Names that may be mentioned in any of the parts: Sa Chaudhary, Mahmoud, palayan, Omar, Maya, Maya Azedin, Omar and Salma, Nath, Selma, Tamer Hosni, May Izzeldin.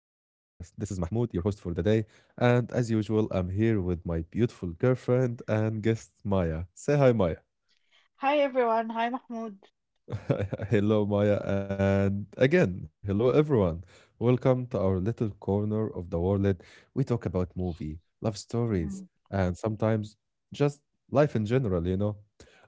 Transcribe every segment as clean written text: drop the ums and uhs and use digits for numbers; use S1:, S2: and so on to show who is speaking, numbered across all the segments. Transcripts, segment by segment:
S1: This is Mahmoud, your host for the day. And as usual, I'm here with my beautiful girlfriend and guest, Maya. Say hi, Maya.
S2: Hi everyone. Hi Mahmoud.
S1: Hello, Maya, and again, hello, everyone. Welcome to our little corner of the world. We talk about movie, love stories,
S2: Hmm.
S1: and sometimes just life in general, you know.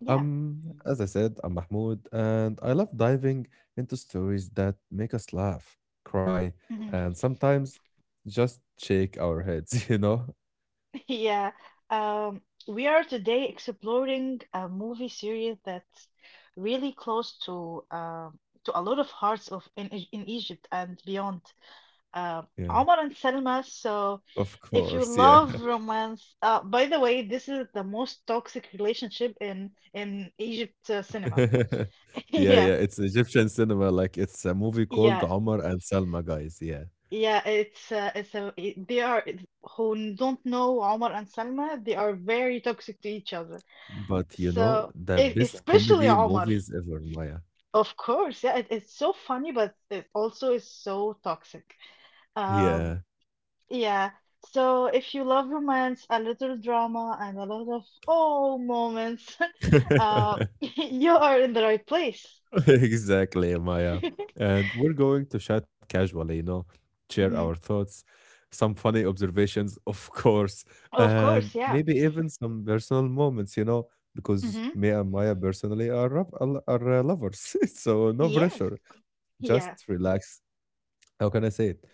S2: Yeah.
S1: As I said, I'm Mahmoud, and I love diving into stories that make us laugh, cry,
S2: Hmm.
S1: and sometimes just shake our heads, you know?
S2: Yeah. Um, we are today exploring a movie series that's really close to a lot of hearts of in in Egypt and beyond. Uh,
S1: Yeah,
S2: Omar and Selma. So,
S1: of
S2: if you
S1: course, yeah.
S2: love romance, by the way, this is the most toxic relationship in Egypt cinema.
S1: Yeah,
S2: Yeah.
S1: yeah, it's Egyptian cinema. Like it's a movie called
S2: Yeah.
S1: Omar and Salma, guys. Yeah.
S2: Yeah. Who don't know Omar and Salma, they are very toxic to each other.
S1: But the
S2: Yeah,
S1: best
S2: especially
S1: comedy
S2: Omar,
S1: movies ever, Maya.
S2: of course. Yeah, it's so funny, but it also is so toxic. Um,
S1: Yeah.
S2: yeah. So if you love romance, a little drama, and a lot of oh moments, you are in the right place.
S1: Exactly, Maya. And we're going to chat casually, share our
S2: Mhm.
S1: thoughts, some funny observations, of course,
S2: Of
S1: and
S2: course, yeah.
S1: maybe even some personal moments, because
S2: Hmm.
S1: me and Maya personally are, rub- are lovers. So no
S2: Yes,
S1: pressure.
S2: yeah.
S1: Just relax, how can I say it?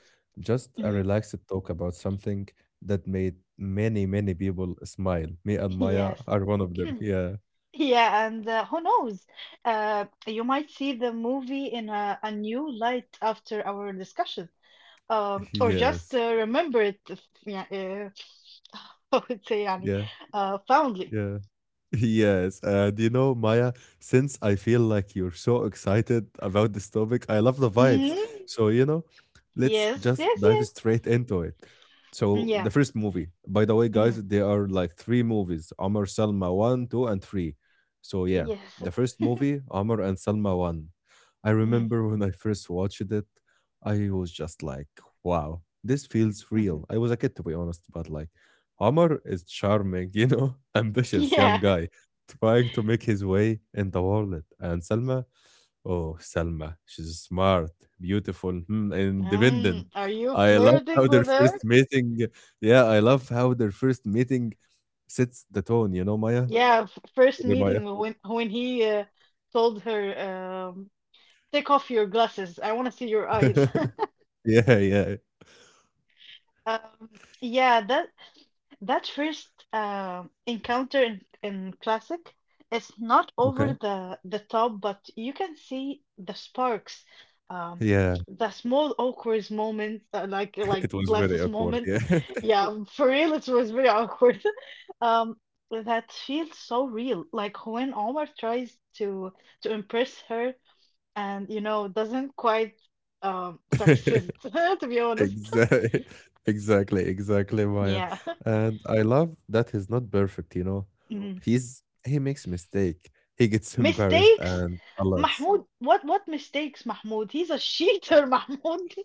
S1: Just a
S2: Mhm.
S1: relaxed talk about something that made many, many people smile. Me and Maya
S2: Yes.
S1: are one of them. Yeah.
S2: Yeah, and who knows? You might see the movie in a new light after our discussion, or just
S1: Yes.
S2: remember it. Yeah, I would say, يعني,
S1: Yeah.
S2: fondly.
S1: Yeah. Yes, and Maya, since I feel like you're so excited about this topic, I love the vibes.
S2: Mhm.
S1: So, let's
S2: Yes,
S1: just
S2: yes,
S1: dive
S2: yes.
S1: straight into it. So, the
S2: Yeah.
S1: first movie, by the way,
S2: Mhm.
S1: guys, there are like three movies, Omar Salma 1, 2, and 3. So, yeah,
S2: Yes.
S1: the first movie, Omar and Salma 1. I
S2: Mhm.
S1: remember when I first watched it, I was just like, wow, this feels
S2: Mhm.
S1: real. I was a kid, to be honest, but Amar is charming, ambitious young
S2: Yeah.
S1: guy trying to make his way in the world. And Salma, oh, Salma, she's smart, beautiful, independent.
S2: Are you
S1: I love how
S2: flirting
S1: their
S2: with her?
S1: first meeting, yeah, I love how their first meeting sets the tone, you know, Maya?
S2: Yeah. First
S1: Okay, Maya.
S2: meeting when he told her, "Take off your glasses. I want to see your eyes."
S1: Yeah, yeah.
S2: Um, yeah, that first encounter in classic is not over
S1: Okay.
S2: the top, but you can see the sparks, um,
S1: Yeah.
S2: the small awkward moments, like like
S1: It was very
S2: Glass's
S1: awkward.
S2: moment.
S1: Yeah.
S2: Yeah, for real, it was very awkward. Um, that feels so real, like when Omar tries to impress her and doesn't quite succeed, to be honest.
S1: Exactly, exactly, exactly, Maya.
S2: Yeah.
S1: And I love that he's not perfect. He makes mistake. He gets embarrassed
S2: Mistakes?
S1: and a lot.
S2: Mahmoud, what mistakes, Mahmoud? He's a cheater, Mahmoud.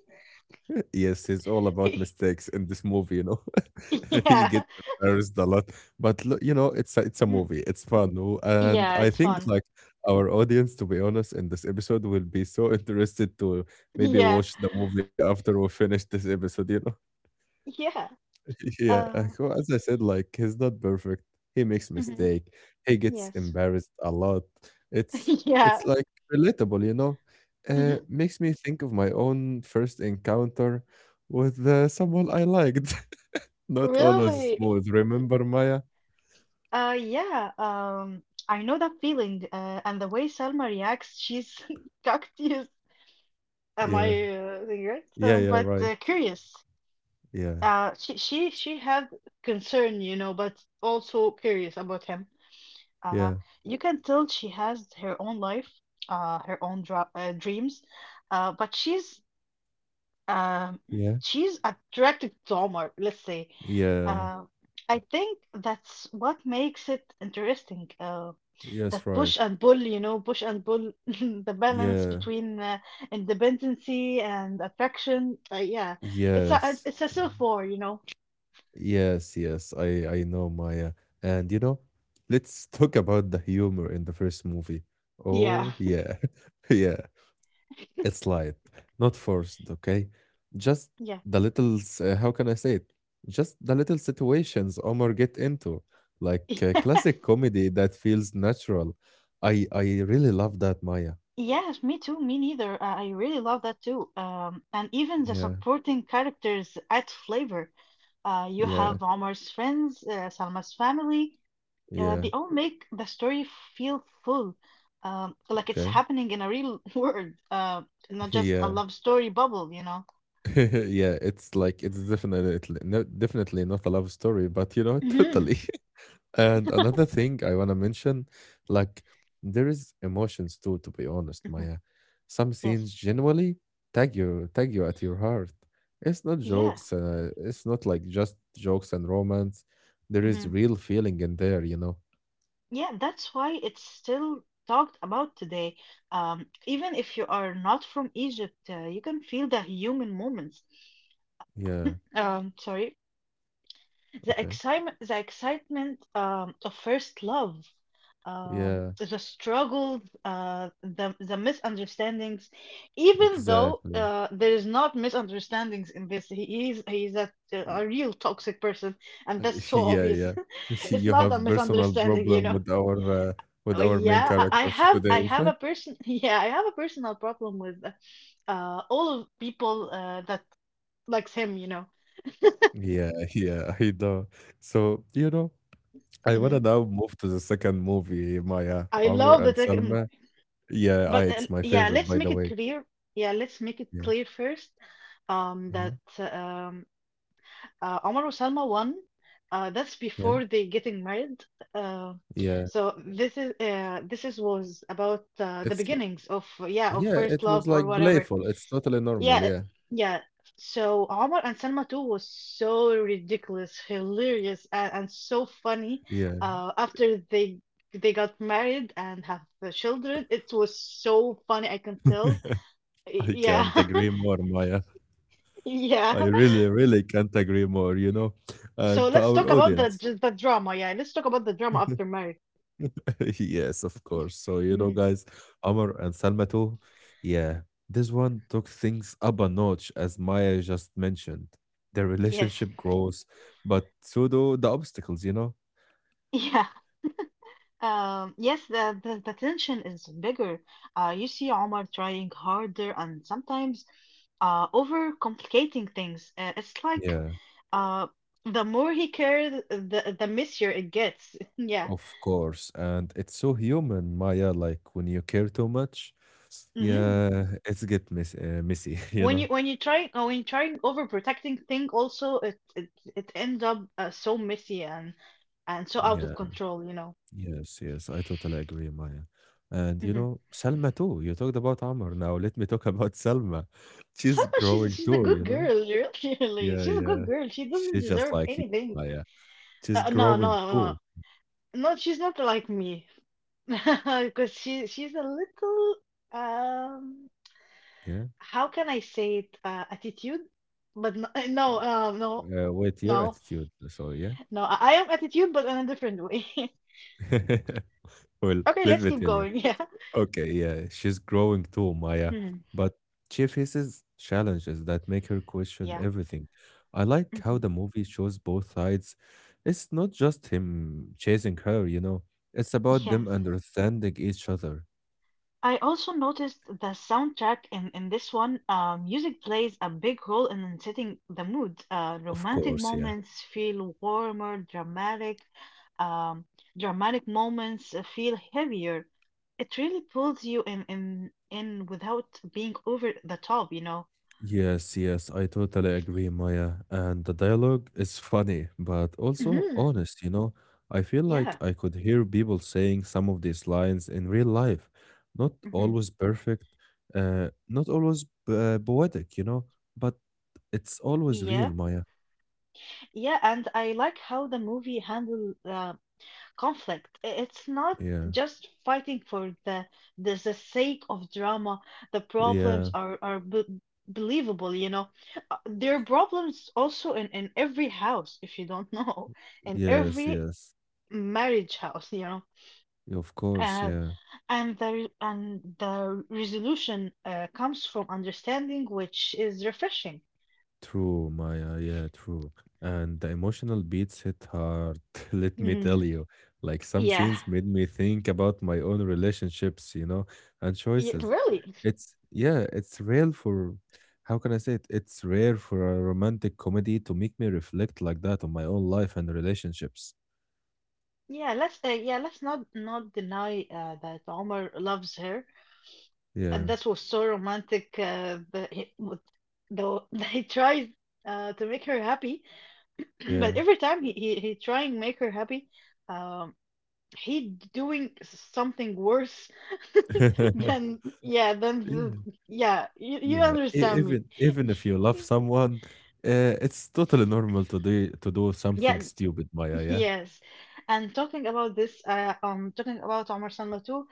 S1: Yes, he's all about mistakes in this movie. He
S2: Yeah.
S1: gets embarrassed a lot, but look, it's a
S2: Mm,
S1: movie. It's fun, no? And
S2: Yeah,
S1: I
S2: it's
S1: think
S2: fun.
S1: like our audience, to be honest, in this episode will be so interested to maybe
S2: Yeah.
S1: watch the movie after we finish this episode.
S2: Yeah.
S1: Yeah, I
S2: Uh,
S1: go as I said, like he's not perfect. He makes
S2: mhm.
S1: mistake. He gets
S2: Yes.
S1: embarrassed a lot. It's
S2: Yeah.
S1: it's like relatable.
S2: Hmm.
S1: Makes me think of my own first encounter with someone I liked. Not always
S2: Really?
S1: smooth. Remember Maya?
S2: Yeah. I know that feeling. And the way Selma reacts, she's cactus. Am I
S1: Yeah,
S2: saying right?
S1: yeah, yeah.
S2: But
S1: Right.
S2: curious.
S1: Yeah,
S2: She had concern, you know, but also curious about him. Uh,
S1: yeah,
S2: you can tell she has her own life, her own dra dreams, but um,
S1: yeah,
S2: she's attracted to Omar, let's say.
S1: yeah.
S2: Uh, Mm. I think that's what makes it interesting. That
S1: Yes, right.
S2: push and pull, you know, push and pull, the balance
S1: Yeah,
S2: between independency and attraction. Yeah, it's a
S1: yes.
S2: it's a civil war.
S1: Yes, yes, I know Maya. And let's talk about the humor in the first movie.
S2: Yeah.
S1: Oh, yeah. Yeah. It's light, not forced, okay? Just
S2: Yeah.
S1: the little how can I say it? Just the little situations Omar get into, like
S2: Yes.
S1: classic comedy that feels natural. I really love that, Maya.
S2: Yes, me too, me neither. I really love that too. And even the
S1: Yeah.
S2: supporting characters add flavor. You
S1: Yeah.
S2: have Omar's friends, Salma's family.
S1: Yeah.
S2: They all make the story feel full, like it's
S1: Okay.
S2: happening in a real world, not just a
S1: Yeah.
S2: love story bubble, you know?
S1: Yeah, it's like it's definitely no, definitely not a love story, but
S2: Mhm,
S1: totally. And another thing I want to mention, like there is emotions too, to be honest,
S2: mhm.
S1: Maya. Some
S2: Yes.
S1: scenes genuinely tag you at your heart. It's not
S2: Yeah.
S1: jokes, it's not like just jokes and romance. There is
S2: Hmm.
S1: real feeling in there.
S2: Yeah, that's why it's still talked about today. Even if you are not from Egypt, you can feel the human moments.
S1: Yeah,
S2: Sorry. The
S1: okay.
S2: excitement, of first love,
S1: Yeah,
S2: the struggles, the misunderstandings. Even though
S1: exactly.
S2: there is not misunderstandings in this, he's a real toxic person, and
S1: Uh,
S2: that's so
S1: yeah,
S2: obvious.
S1: yeah.
S2: It's
S1: You
S2: not a
S1: have personal
S2: misunderstanding, you
S1: problem
S2: know.
S1: with our uh,
S2: Oh,
S1: main
S2: yeah, I I
S1: character
S2: have
S1: today,
S2: I have a
S1: right?
S2: person. Yeah, I have a personal problem with all of people that likes him.
S1: Yeah, yeah, I know. So, I
S2: Hmm.
S1: wanna now move to the second movie, Maya,
S2: I
S1: Amr
S2: love the
S1: and
S2: tech.
S1: Selma. Yeah,
S2: But
S1: it's my
S2: yeah,
S1: favorite,
S2: let's
S1: by the
S2: make it
S1: way.
S2: clear. Yeah, let's make it
S1: Yeah,
S2: clear first,
S1: yeah,
S2: that um, Omar and Salma won. That's
S1: yeah,
S2: before they getting married. Uh,
S1: yeah.
S2: so this is was about the
S1: It's
S2: beginnings of yeah of
S1: yeah,
S2: first
S1: it was
S2: love or
S1: like
S2: whatever.
S1: playful. It's totally
S2: Yeah,
S1: normal. Yeah,
S2: yeah. So Omar and Salma too was so ridiculous, hilarious, and so funny.
S1: yeah.
S2: After they got married and have the children, it was so funny. I can tell,
S1: I
S2: yeah.
S1: can't agree more, Maya.
S2: Yeah.
S1: I really, really can't agree more. You know,
S2: So
S1: and to
S2: let's
S1: our
S2: talk about the
S1: audience.
S2: just the drama. Yeah, let's talk about the drama after marriage.
S1: Yes, of course. So,
S2: Mhm.
S1: guys, Amr and Salmato, yeah, this one took things up a notch, as Maya just mentioned. Their
S2: Yes,
S1: relationship grows, but so do the obstacles, you know?
S2: yeah. Yes, the tension is bigger. You see Omar trying harder and sometimes overcomplicating things. It's like
S1: Yeah,
S2: uh the more he cares, the messier it gets. Yeah.
S1: of course. And it's so human, Maya, like when you care too much,
S2: Hmm.
S1: yeah, it's get miss messy, you
S2: When
S1: know?
S2: you when you try uh, when you trying overprotecting thing, also it ends up so messy, and so out of
S1: Yeah.
S2: control.
S1: Yes, yes, I totally agree, Maya. And
S2: Hmm.
S1: Selma too. You talked about Amr. Now let me talk about Selma. She's
S2: Salma, she's
S1: growing
S2: she's a
S1: too, you
S2: good
S1: know?
S2: girl, really. Really.
S1: Yeah,
S2: She's a
S1: yeah.
S2: good girl. She doesn't
S1: She's just
S2: deserve
S1: like you,
S2: anything.
S1: Maya. She's
S2: No,
S1: growing
S2: no, no,
S1: too.
S2: no. She's not like me, because she's a little um.
S1: Yeah.
S2: How can I say it? Attitude, but no, no, no,
S1: Uh, with your
S2: no,
S1: attitude. So, yeah.
S2: no. I am attitude, but in a different way.
S1: Well,
S2: Okay,
S1: let
S2: let's
S1: me
S2: keep
S1: tell you.
S2: going. Yeah.
S1: Okay, yeah, she's growing too, Maya,
S2: Mhm.
S1: but she faces challenges that make her question
S2: Yeah.
S1: everything. I like how
S2: Hmm.
S1: the movie shows both sides. It's not just him chasing her, it's about them
S2: Yes.
S1: understanding each other.
S2: I also noticed the soundtrack in this one. Music plays a big role in setting the mood.
S1: Of
S2: Romantic
S1: course, yeah.
S2: moments feel warmer, dramatic. Um, Dramatic moments feel heavier. It really pulls you in without being over the top, you know?
S1: Yes, yes, I totally agree, Maya. And the dialogue is funny, but also
S2: Mhm.
S1: honest. I feel like
S2: Yeah.
S1: I could hear people saying some of these lines in real life. Not
S2: Hmm.
S1: always perfect, not always poetic, but it's always
S2: Yeah.
S1: real, Maya.
S2: Yeah. And I like how the movie handled conflict. It's not
S1: Yeah,
S2: just fighting for the sake of drama. The problems
S1: yeah,
S2: are believable. You know, there are problems also in every house. If you don't know, in
S1: yes,
S2: every
S1: yes.
S2: marriage house, you know,
S1: Of course,
S2: and
S1: yeah.
S2: and the resolution comes from understanding, which is refreshing.
S1: True, Maya. Yeah, true. And the emotional beats hit hard, let me tell
S2: Mhm.
S1: you. Like some
S2: Yeah.
S1: scenes made me think about my own relationships, and
S2: Yeah,
S1: choices.
S2: really.
S1: It's real for, how can I say it? It's rare for a romantic comedy to make me reflect like that on my own life and relationships.
S2: Yeah, let's let's not not deny that Omar loves her, and
S1: Yeah,
S2: that was so romantic that the, he tries to make her happy
S1: yeah.
S2: but every time he trying make her happy, um, he doing something worse than than the,
S1: Yeah,
S2: yeah you
S1: yeah. E-
S2: understand me
S1: Even even if you love someone, it's totally normal to do
S2: yeah.
S1: something stupid, Maya. Yeah,
S2: Yes. And talking about this, talking about Omar Salma too,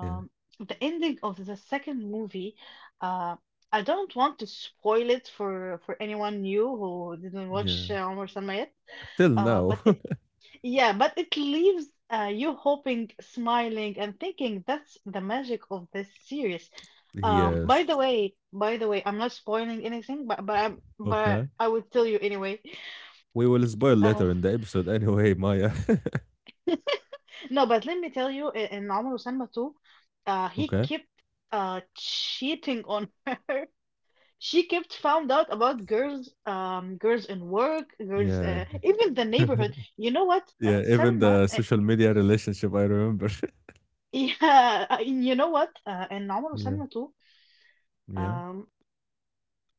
S1: yeah.
S2: the ending of the second movie, uh, I don't want to spoil it for anyone new who didn't
S1: Yeah.
S2: watch Omar Salma yet.
S1: Till
S2: Uh,
S1: now.
S2: but it, yeah, but it leaves, you hoping, smiling, and thinking that's the magic of this series.
S1: Yes.
S2: By the way, by the way, I'm not spoiling anything, but
S1: Okay.
S2: I would tell you anyway.
S1: We will spoil later in the episode anyway, Maya.
S2: No, but let me tell you, in Umar Samba too, he
S1: Okay.
S2: kept cheating on her. She kept found out about girls, girls in work, girls,
S1: Yeah.
S2: even the neighborhood. You know what,
S1: Yeah, even
S2: Selma?
S1: the social media relationship, I remember.
S2: Yeah, you know what? In Umar
S1: Yeah.
S2: Selma too,
S1: Yeah.
S2: um,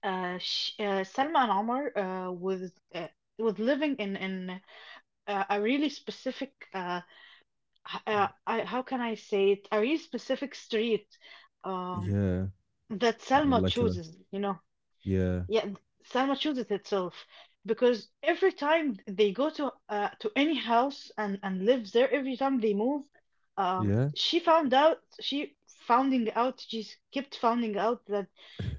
S2: sh Selma and Omar was living in a really specific, I, how can I say it? A really specific street. Um,
S1: Yeah.
S2: that Salma
S1: Like,
S2: chooses, you know.
S1: yeah.
S2: Yeah, Salma chooses itself because every time they go to any house and live there, every time they move,
S1: Yeah.
S2: she found out she founding out kept finding out that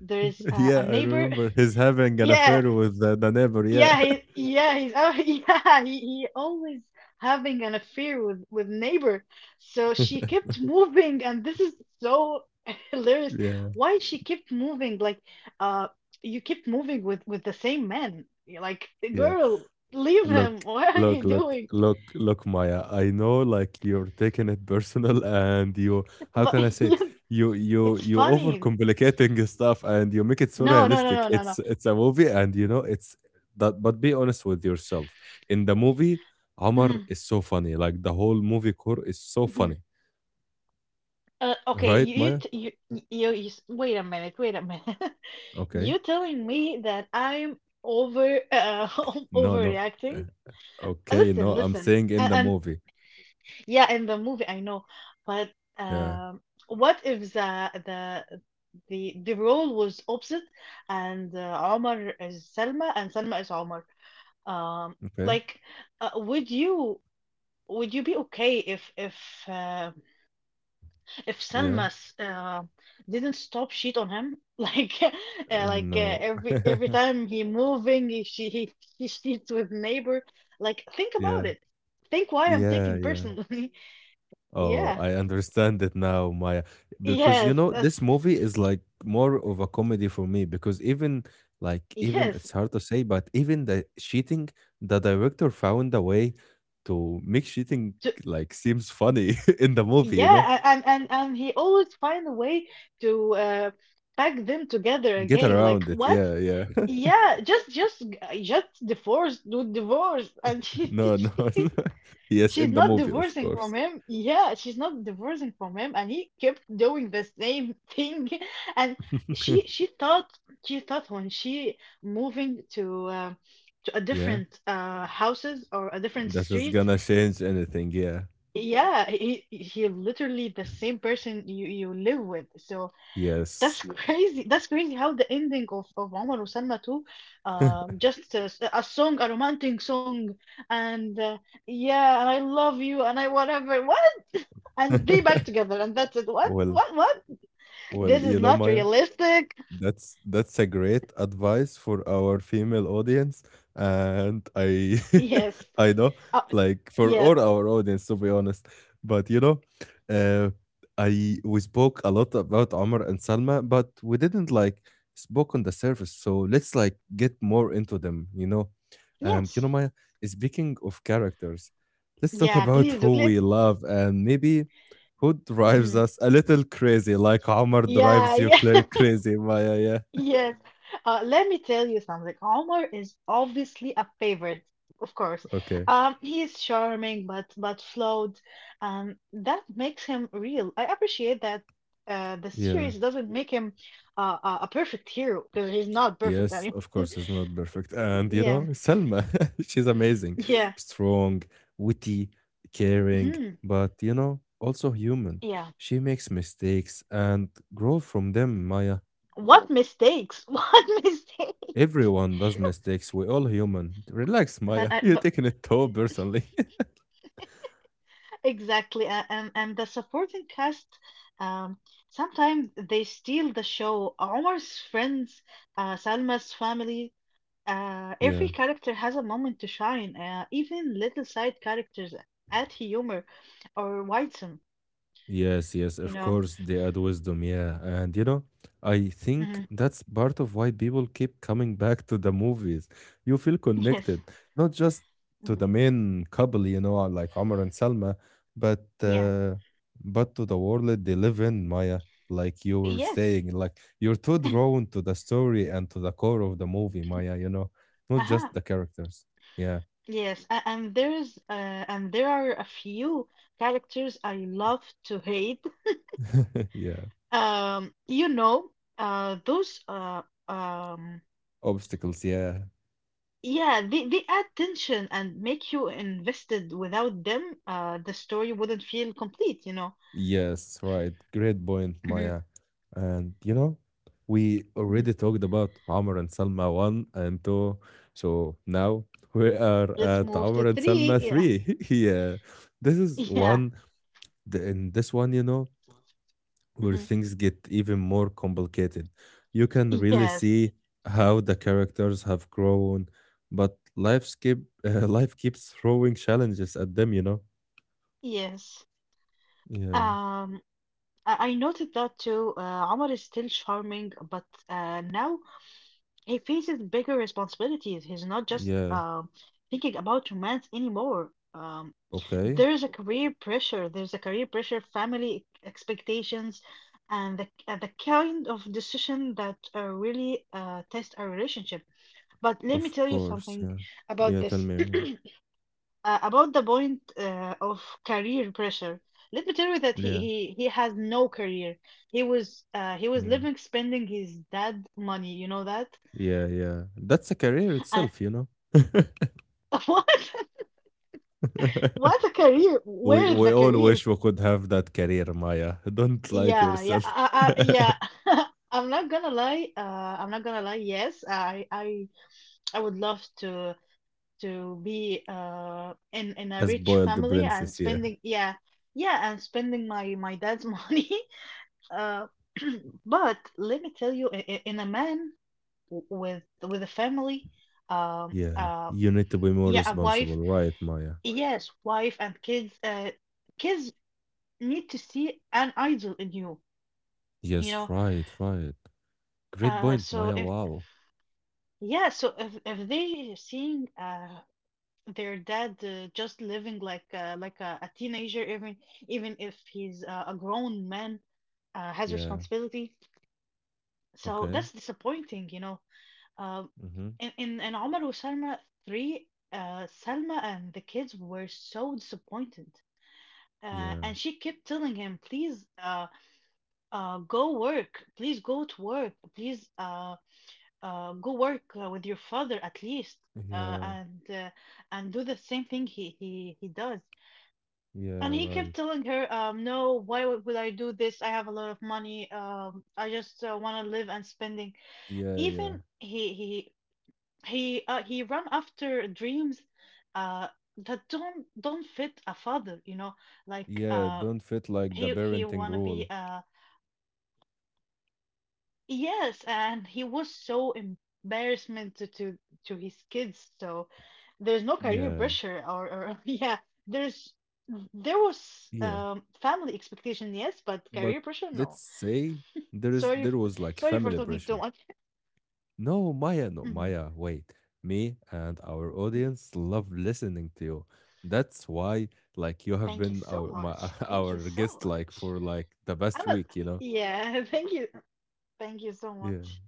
S2: there is
S1: Yeah,
S2: a
S1: I
S2: neighbor.
S1: remember he's having an
S2: Yeah,
S1: affair with the neighbor. Yeah.
S2: yeah, he's yeah, he always having an affair with neighbor. So she kept moving, and this is so hilarious.
S1: Yeah.
S2: Why she kept moving? Like, uh, you keep moving with the same man. You're like,
S1: Yeah.
S2: girl, leave
S1: Look,
S2: him. What are
S1: look,
S2: you
S1: look,
S2: doing?
S1: look, look, Maya. I know like you're taking it personal and you how
S2: But
S1: can I say
S2: yes,
S1: it? You you
S2: it's
S1: you
S2: funny.
S1: overcomplicating stuff and you make it so
S2: No, no, no,
S1: realistic.
S2: no, no, no.
S1: It's a movie and you know it's that but be honest with yourself. In the movie, Omar
S2: Mhm,
S1: is so funny. Like the whole movie core is so funny.
S2: mhm. Okay,
S1: Right,
S2: you
S1: Maya?
S2: t- you s- wait a minute, wait a minute.
S1: Okay.
S2: You telling me that I'm over
S1: No, no. Uh,
S2: overreacting?
S1: Okay,
S2: Listen,
S1: no, I'm
S2: listen,
S1: saying in the
S2: and
S1: movie.
S2: yeah, in the movie I know, but
S1: Yeah.
S2: um, what if the role was opposite, and Omar is Selma and Selma is Omar? Um,
S1: Okay.
S2: like, uh, would you would you be okay if uh, if
S1: Yeah.
S2: Selmas didn't stop shit on him, like
S1: No.
S2: every time he moving, he, she he, he cheats with neighbor. Like, think
S1: Yeah.
S2: about it. Think why I'm
S1: Yeah.
S2: taking
S1: Yeah.
S2: personally.
S1: Oh,
S2: Yeah.
S1: I understand it now, Maya. Because
S2: Yes. Yes.
S1: this movie is like more of a comedy for me because even like even it's
S2: Yes.
S1: hard to say, but even the cheating, the director found a way to make cheating
S2: To,
S1: like seems funny in the movie, you know?
S2: yeah. a- and he always find a way to pack them together
S1: Get
S2: again. Like
S1: around it.
S2: what?
S1: Yeah, yeah.
S2: Yeah. Just divorce. Do divorce. And
S1: No, no. No. Yes,
S2: She's
S1: in the
S2: not
S1: movie, of
S2: divorcing from
S1: course.
S2: him. Yeah, she's not divorcing from him, and he kept doing the same thing. And she she thought she thought when she moving to a
S1: Yeah.
S2: different houses or a different
S1: That is
S2: streets,
S1: gonna change anything, yeah.
S2: yeah, he literally the same person you live with. So
S1: Yes.
S2: that's, yeah, crazy. That's crazy how the ending of Omar Salma too, just a song, a romantic song, and. Yeah, and I love you, and I whatever. And be back together, and that's it.
S1: Well,
S2: What This
S1: well,
S2: is not
S1: Maya.
S2: realistic.
S1: That's a great advice for our female audience, and I
S2: Yes.
S1: I know,
S2: Oh,
S1: like, for
S2: yes,
S1: all our audience, to be honest. But, you know, uh, I we spoke a lot about Omar and Salma, but we didn't, like, spoke on the surface, so let's, like, get more into them, you know? And,
S2: yes,
S1: Maya, speaking of characters, let's talk
S2: yeah,
S1: about
S2: please do
S1: who
S2: let.
S1: we love and maybe who drives
S2: Mhm.
S1: us a little crazy, like Omar
S2: yeah
S1: drives you
S2: yeah
S1: crazy, Maya? Yeah. Yeah.
S2: Yes. Let me tell you something. Omar is obviously a favorite, of course.
S1: Okay.
S2: He is charming but flawed. That makes him real. I appreciate that. The
S1: Yeah.
S2: series doesn't make him a perfect hero because he's not perfect
S1: Yes,
S2: anymore.
S1: of course, it's not perfect. And,
S2: Yeah,
S1: Selma, she's amazing,
S2: yeah.
S1: strong, witty, caring,
S2: Mm-hmm.
S1: but, also human.
S2: Yeah. Yeah.
S1: She makes mistakes and grows from them, Maya.
S2: What mistakes? What mistakes?
S1: Everyone does mistakes. We're all human. Relax,
S2: But
S1: Maya.
S2: I,
S1: You're
S2: but
S1: taking it too personally.
S2: exactly. And the supporting cast, um, sometimes they steal the show. Omar's friends, Salma's family,
S1: Yeah.
S2: every character has a moment to shine. Even little side characters add humor or widesome,
S1: Yes, yes,
S2: you Yes.
S1: of
S2: know.
S1: course, they add wisdom, yeah. And I
S2: Mhm.
S1: think that's part of why people keep coming back to the movies. You feel
S2: Yes.
S1: connected, not just to
S2: Mhm.
S1: the main couple, like Omar and Salma, but
S2: Yeah.
S1: to the world they live in, Maya. Like you were
S2: Yes.
S1: saying, like you're too drawn to the story and to the core of the movie, Maya, not
S2: Uh-huh.
S1: just the characters. Yeah,
S2: Yes, and there is and there are a few characters I love to hate.
S1: yeah.
S2: You know, those um,
S1: Obstacles, yeah.
S2: yeah, they add tension and make you invested. Without them, the story wouldn't feel complete, you know.
S1: Yes, right. Great point,
S2: Mhm,
S1: Maya. And we
S2: mhm.
S1: already talked about Amr and Salma 1 and 2. So now we are
S2: Let's
S1: at
S2: move to
S1: Amr and
S2: three.
S1: Salma
S2: Yeah,
S1: 3. Yeah. This is
S2: yeah.
S1: one, in this one, where
S2: Hmm.
S1: things get even more complicated. You can really
S2: Yes,
S1: see how the characters have grown, but life keep, life keeps throwing challenges at them,
S2: yes.
S1: Yeah.
S2: Um, I noted that too. Omar is still charming, but now he faces bigger responsibilities. He's not just
S1: Yeah.
S2: thinking about romance anymore. Um,
S1: Okay.
S2: there's a career pressure. There's a career pressure, family expectations, and the kind of decision that really test our relationship. But let me
S1: Of
S2: tell you
S1: course,
S2: something
S1: yeah.
S2: about
S1: Yeah, tell
S2: this,
S1: me more.
S2: about the point of career pressure. Let me tell you that he
S1: Yeah,
S2: he he has no career. He was
S1: yeah,
S2: living spending his dad money. You know that?
S1: yeah, yeah. That's a career
S2: Uh,
S1: itself,
S2: what? What's a career? Where
S1: we
S2: is
S1: we
S2: the
S1: all
S2: career?
S1: wish we could have that career, Maya. Don't lie to
S2: Yeah, yeah,
S1: yourself.
S2: yeah. I'm not gonna lie. I'm not gonna lie. Yes, I would love to be in a
S1: A
S2: rich
S1: spoiled
S2: family and
S1: princess, yeah.
S2: spending. Yeah, yeah, and spending my dad's money. Uh, but let me tell you, in a man with a family, um,
S1: Yeah.
S2: uh,
S1: You need to be more
S2: yeah, a
S1: responsible,
S2: wife.
S1: right, Maya?
S2: Yes, wife and kids. Kids need to see an idol in you, you
S1: Yes,
S2: know.
S1: right, right. Great point,
S2: So
S1: Maya.
S2: if,
S1: Wow.
S2: yeah, so if they seeing their dad just living like a teenager, even even if he's a grown man, has
S1: Yeah.
S2: responsibility, so
S1: Okay.
S2: that's disappointing, you know. um
S1: Mm-hmm.
S2: in in Omar Salma 3, Salma and the kids were so disappointed,
S1: Yeah.
S2: and she kept telling him, please go work, please go to work, please go work with your father at least, uh,
S1: Yeah.
S2: and uh, and do the same thing he does.
S1: Yeah,
S2: And he kept
S1: right.
S2: telling her, no, why would I do this? I have a lot of money. I just want to live and spending.
S1: Yeah, yeah.
S2: Even he ran after dreams uh that don't fit a father, you know, like
S1: Yeah, don't fit like the
S2: he
S1: parenting
S2: want to be
S1: rule.
S2: yes, and he was so embarrassment to his kids. So there's no career
S1: Yeah,
S2: pressure or yeah, there's there was
S1: yeah.
S2: family expectation, yes, but
S1: But
S2: career pressure,
S1: let's
S2: no.
S1: say there is
S2: Sorry,
S1: there was like
S2: sorry for
S1: family
S2: talking too
S1: pressure.
S2: much.
S1: No, Maya, no,
S2: Mhm.
S1: Maya, wait. Me and our audience love listening to you. That's why like you have
S2: Thank you
S1: been
S2: so
S1: our my
S2: much. Thank you
S1: our
S2: so
S1: guest like
S2: much.
S1: for like the past
S2: I'm a,
S1: week, you know?
S2: yeah, thank you. Thank you so
S1: Yeah.
S2: much.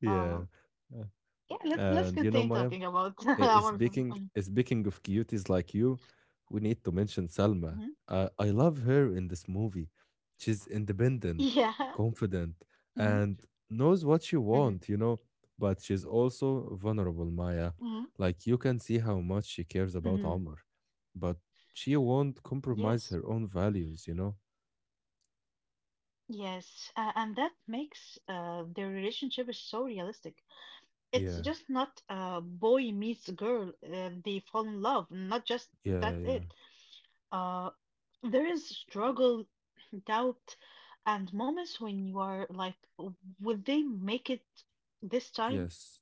S1: Yeah.
S2: Um,
S1: Uh,
S2: yeah, let's
S1: And you know,
S2: continue
S1: Maya,
S2: talking about
S1: Uh,
S2: our
S1: speaking
S2: um,
S1: speaking of cuties like you, we need to mention Salma.
S2: mhm.
S1: I love her in this movie. She's independent,
S2: Yeah.
S1: confident,
S2: Hmm.
S1: and knows what she
S2: Hmm.
S1: wants, you know. But she's also vulnerable, Maya.
S2: Hmm.
S1: Like you can see how much she cares about
S2: Hmm.
S1: Omar, but she won't compromise
S2: Yes.
S1: her own values, you know.
S2: Yes. And that makes their relationship is so realistic. It's
S1: Yeah,
S2: just not a boy meets girl, they fall in love, not just
S1: yeah,
S2: that's
S1: yeah.
S2: it. Uh, there is struggle, doubt, and moments when you are like, would they make it this time?
S1: Yes.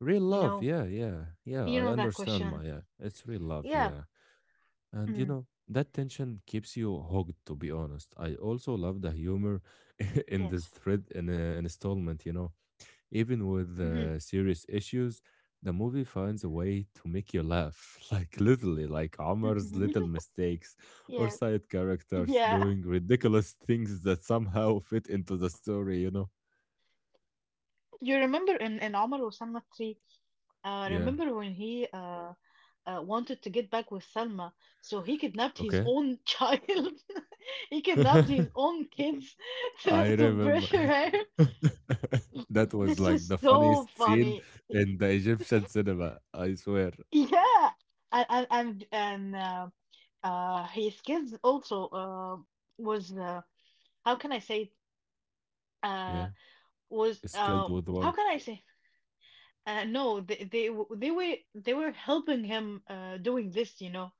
S1: Real
S2: You
S1: love,
S2: know,
S1: yeah, yeah, yeah. I
S2: you know that
S1: understand,
S2: question.
S1: Maya. It's real love,
S2: Yeah.
S1: yeah. And you
S2: Mm,
S1: know, that tension keeps you hooked, to be honest. I also love the humor
S2: yes.
S1: in this thread in installment, you know. Even with
S2: Mhm,
S1: serious issues, the movie finds a way to make you laugh, like literally, like Omar's
S2: mhm.
S1: little mistakes or
S2: Yeah.
S1: side characters
S2: Yeah.
S1: doing ridiculous things that somehow fit into the story, you know.
S2: You remember in Omar Osama 3,
S1: Yeah.
S2: remember when he wanted to get back with Selma, so he kidnapped his
S1: Okay.
S2: own child. He kidnapped his own kids
S1: I
S2: to
S1: remember.
S2: pressure her.
S1: That was
S2: This
S1: like
S2: is
S1: the
S2: so
S1: funniest scene
S2: funny.
S1: in the Egyptian cinema, I swear.
S2: Yeah, and his kids also was how can I say it? Uh
S1: Yeah,
S2: was
S1: Skilled with
S2: How
S1: One.
S2: can I say? No, they were helping him doing this, you know.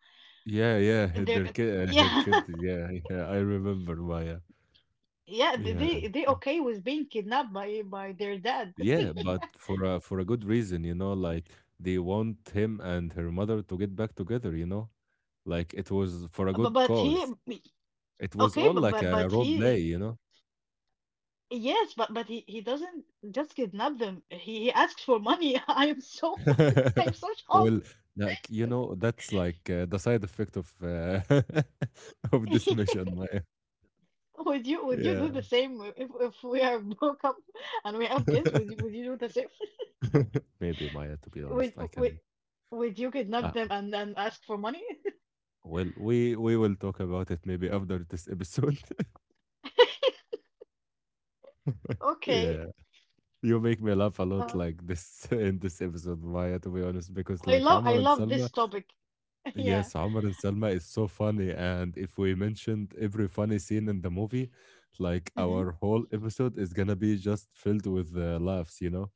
S1: Yeah, yeah, her
S2: They
S1: their kid, her
S2: Yeah.
S1: kid. Yeah, yeah, I remember Maya.
S2: Yeah,
S1: Yeah,
S2: they
S1: yeah,
S2: okay with being kidnapped by their dad.
S1: Yeah, but for a good reason, you know, like they want him and her mother to get back together, you know, like it was for a good
S2: But he
S1: cause. It was
S2: okay,
S1: all like a
S2: but
S1: role play,
S2: he
S1: you know.
S2: Yes, but he doesn't just kidnap them. He asks for money. I am so I am so shocked.
S1: Well, like you know, that's like the side effect of of this mission, Maya.
S2: Would you do the
S1: Yeah,
S2: same if we are broke up and we have kids? Would you do the same?
S1: maybe Maya. To be honest,
S2: Would
S1: I
S2: would
S1: can.
S2: would you
S1: Uh,
S2: kidnap them and then ask for money?
S1: well, we will talk about it maybe after this episode.
S2: Okay.
S1: Yeah, you make me laugh a lot,
S2: Uh,
S1: like this in this episode, Maya. To be honest, because like Omar
S2: I
S1: and
S2: love
S1: Salma,
S2: this topic.
S1: yes,
S2: Yeah.
S1: Amr and Salma is so funny. And if we mentioned every funny scene in the movie, like
S2: Hmm.
S1: our whole episode is gonna be just filled with laughs, you know?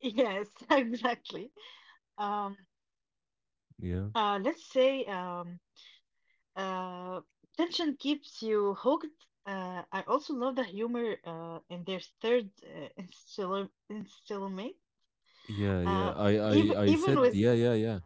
S2: Yes, exactly. Um.
S1: Yeah.
S2: Let's say uh, Tension keeps you hooked. I also love the humor in their third installment.
S1: Yeah, yeah.
S2: Uh, Mm, even
S1: I
S2: even
S1: said,
S2: with
S1: yeah,
S2: sure.
S1: yeah, yeah.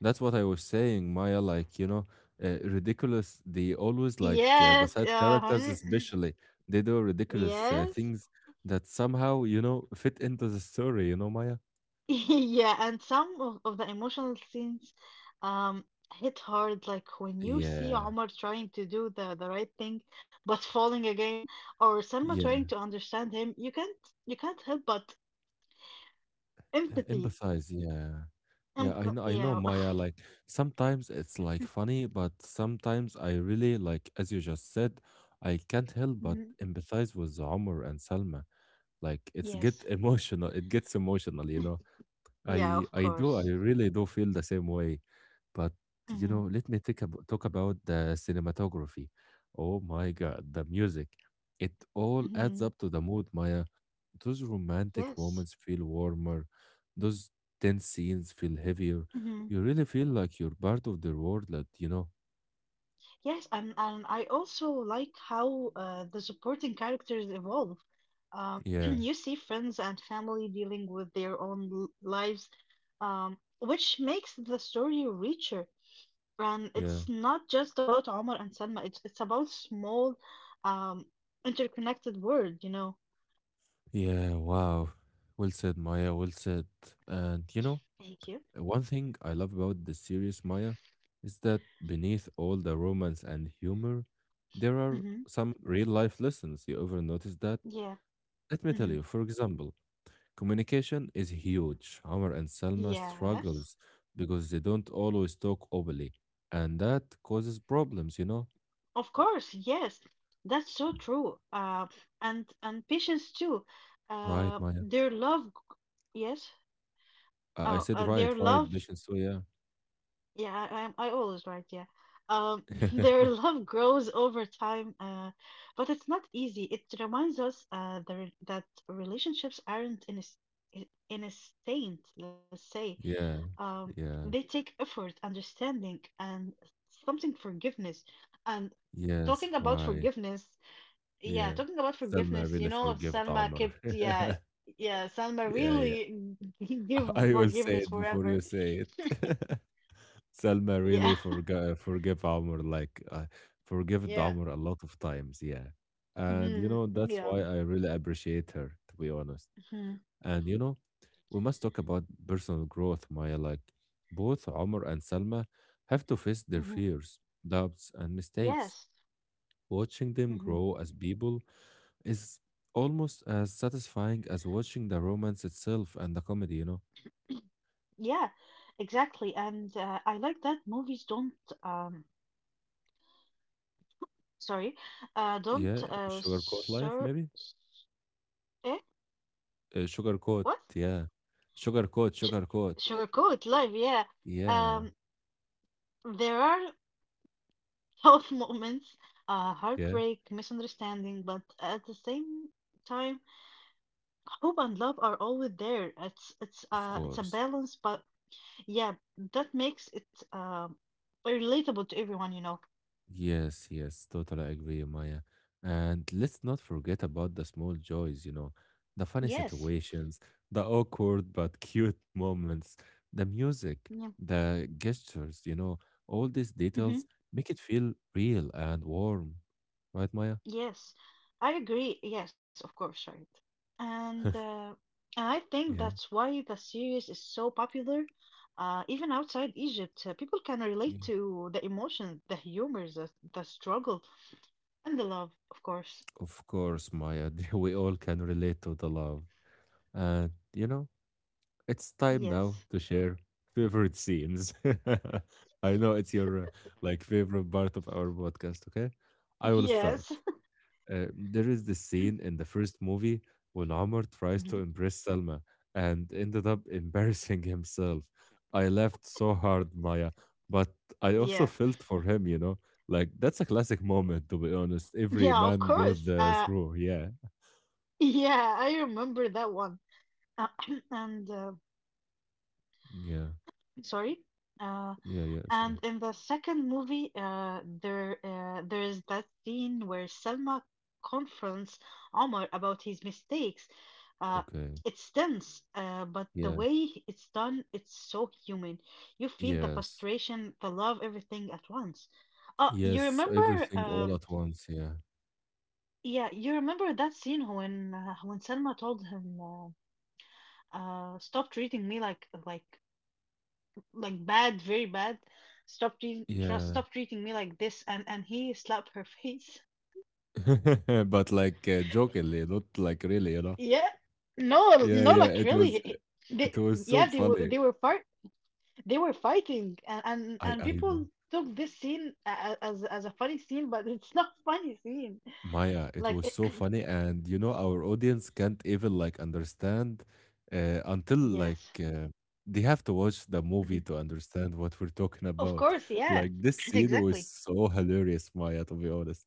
S1: That's what I was saying, Maya. Like, you know, ridiculous. They always, like, the
S2: Yes,
S1: side characters,
S2: hmm,
S1: especially, they do ridiculous
S2: yes,
S1: things that somehow, you know, fit into the story, you know, Maya?
S2: yeah, and some of the emotional scenes um, hit hard, like when you see
S1: Yeah.
S2: Omar trying to do the right thing but falling again, or Selma trying
S1: Yeah.
S2: to understand him. You can't help but empathy.
S1: Empathize, yeah. Yeah,
S2: B
S1: I know,
S2: Yeah.
S1: Maya, like sometimes it's like funny, but sometimes I really like as you just said, I can't help but
S2: Mhm.
S1: empathize with Omar and Salma. Like it's
S2: Yes.
S1: get emotional, it gets emotional, you know.
S2: Yeah, of
S1: I do,
S2: course.
S1: I really do feel the same way. But you
S2: Mhm.
S1: know, let me take ab talk about the cinematography. Oh my God, the music. It all adds
S2: Mhm.
S1: up to the mood, Maya. Those romantic
S2: Yes.
S1: moments feel warmer, those tense scenes feel heavier.
S2: Mhm.
S1: You really feel like you're part of the world, that you know.
S2: Yes, and I also like how the supporting characters evolve.
S1: Yeah,
S2: You see friends and family dealing with their own lives, which makes the story richer. And
S1: yeah,
S2: it's not just about Omar and Selma. It's about small, um, interconnected world. You know.
S1: yeah. Wow, well said, Maya. Well said. And you know,
S2: Thank you.
S1: one thing I love about the series, Maya, is that beneath all the romance and humor, there are
S2: Mhm.
S1: some real life lessons. You ever notice that?
S2: Yeah.
S1: Let me tell
S2: Mhm.
S1: you. For example, communication is huge. Amr and Selma
S2: Yes.
S1: struggles because they don't always talk openly, and that causes problems, you know?
S2: Of course, yes, that's so true. And patients too.
S1: Right,
S2: Uh,
S1: Maya.
S2: their love, yes.
S1: I said right,
S2: Their
S1: right,
S2: love.
S1: mission. So yeah.
S2: Yeah, I always right. Yeah. Um, their love grows over time. But it's not easy. It reminds us that relationships aren't in a in a instant. Let's say
S1: Yeah,
S2: um they
S1: yeah,
S2: take effort, understanding, and something forgiveness. And
S1: yes,
S2: talking about
S1: right.
S2: forgiveness. Yeah,
S1: Yeah.
S2: talking about
S1: Selma
S2: forgiveness, you
S1: really
S2: know,
S1: forgave
S2: Salma
S1: Amr.
S2: kept, yeah, yeah, Salma
S1: Yeah, yeah.
S2: really give
S1: I will say
S2: forgiveness
S1: it before
S2: forever.
S1: you say it. Salma really
S2: Yeah,
S1: forgot forgive Amr like forgive
S2: yeah,
S1: Amr a lot of times, yeah. And you
S2: hmm,
S1: know that's
S2: yeah,
S1: why I really appreciate her, to be honest.
S2: hmm,
S1: And you know, we must talk about personal growth, Maya. Like both Amr and Salma have to face their
S2: hmm,
S1: fears, doubts, and mistakes.
S2: yes,
S1: Watching them
S2: hmm,
S1: grow as people is almost as satisfying as watching the romance itself and the comedy. You know,
S2: yeah, exactly. And I like that movies don't, um, sorry,
S1: yeah,
S2: don't,
S1: sugarcoat life,
S2: sur,
S1: maybe.
S2: eh,
S1: Sugar coat,
S2: what?
S1: yeah. Sugar coat,
S2: Ch
S1: sugar coat.
S2: Sugarcoat life, yeah.
S1: Yeah,
S2: Um, there are. Tough moments,
S1: yeah,
S2: heartbreak, misunderstanding, but at the same time, hope and love are always there. It's it's
S1: of
S2: uh it's a
S1: course.
S2: balance, but yeah, that makes it um relatable to everyone, you know.
S1: Yes, yes, totally agree, Maya. And let's not forget about the small joys, you know, the funny
S2: Yes.
S1: situations, the awkward but cute moments, the music,
S2: Yeah.
S1: the gestures, you know, all these details
S2: Mm-hmm.
S1: make it feel real and warm. Right, Maya?
S2: Yes, I agree. Yes, of course, right. And uh, and I think
S1: Yeah.
S2: that's why the series is so popular. Even outside Egypt, people can relate
S1: Mm.
S2: to the emotions, the humors, the struggles. And the love, of course.
S1: Of course, Maya. We all can relate to the love. And, you know, it's time now
S2: Yes.
S1: to share favorite scenes. I know it's your like favorite part of our podcast, okay? I will start.
S2: Yes.
S1: There is this scene in the first movie when Omar tries to
S2: Mhm.
S1: impress Selma and ended up embarrassing himself. I laughed so hard, Maya, but I also
S2: Yeah.
S1: felt for him, you know? Like that's a classic moment to be honest. Every
S2: Yeah, of
S1: man goes
S2: course.
S1: through, yeah.
S2: Yeah, I remember that one. Uh, and
S1: Yeah.
S2: Sorry. Uh,
S1: Yeah, yeah, it's okay.
S2: and In the second movie, there is that scene where Selma confronts Omar about his mistakes. Uh,
S1: Okay.
S2: it's tense, but the
S1: Yeah.
S2: way it's done, it's so human. You feel the
S1: Yes.
S2: frustration, the love, everything at once. You
S1: Yes,
S2: remember
S1: everything all at once, yeah.
S2: Yeah, you remember that scene when Selma told him, "Stop treating me like bad, very bad.
S1: Yeah.
S2: Stop treating me like this," and he slapped her face.
S1: But like, jokingly, not like really, you know?
S2: Yeah, no,
S1: Yeah,
S2: no,
S1: yeah,
S2: like really, he-
S1: it
S2: they
S1: was so
S2: yeah,
S1: funny.
S2: they were fight they were fighting, and
S1: I
S2: and
S1: I know.
S2: people took this scene as a funny scene, but it's not funny scene.
S1: Maya, it
S2: Like
S1: was
S2: it,
S1: so funny and you know our audience can't even like understand uh, until like
S2: yes,
S1: uh, they have to watch the movie to understand what we're talking
S2: of
S1: about.
S2: course, yeah,
S1: Like this scene was
S2: exactly.
S1: so hilarious, Maya, to be honest.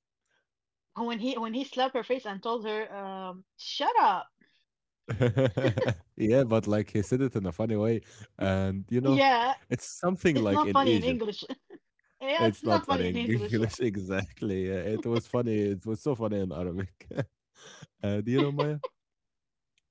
S2: Oh, when he when he slapped her face and told her, "Shut up."
S1: Yeah, but like he said it in a funny way, and you know,
S2: Yeah,
S1: it's something
S2: it's
S1: like
S2: not
S1: in
S2: funny in
S1: Egypt.
S2: English. Yeah, it's
S1: It's not
S2: not funny
S1: funny
S2: in
S1: in
S2: English. Yeah.
S1: English exactly. Yeah, it was funny. It was so funny in Arabic. And you know, Maya,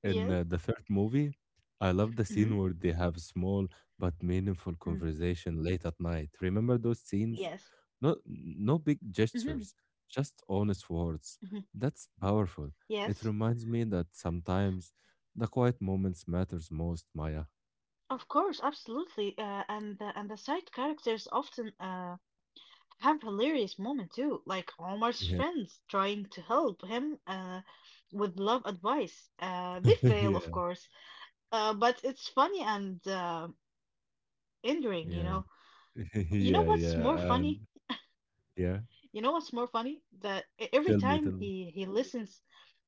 S1: in
S2: Yes.
S1: the third movie, I love the scene
S2: Hmm.
S1: where they have small but meaningful
S2: Mm.
S1: conversation late at night. Remember those scenes?
S2: Yes.
S1: No, no big
S2: Hmm.
S1: gestures, just honest
S2: Hmm.
S1: words. That's powerful.
S2: Yes.
S1: It reminds me that sometimes the quiet moments matters most, Maya.
S2: Of course, absolutely. And the side characters often have hilarious moment too, like Omar's
S1: Yeah,
S2: friends trying to help him with love advice. They fail, of
S1: yeah,
S2: course. But it's funny and endearing, you
S1: yeah,
S2: know. You
S1: yeah,
S2: know what's more
S1: yeah,
S2: funny?
S1: and yeah.
S2: You know what's more funny? That every
S1: Tell me,
S2: time
S1: tell me.
S2: he listens,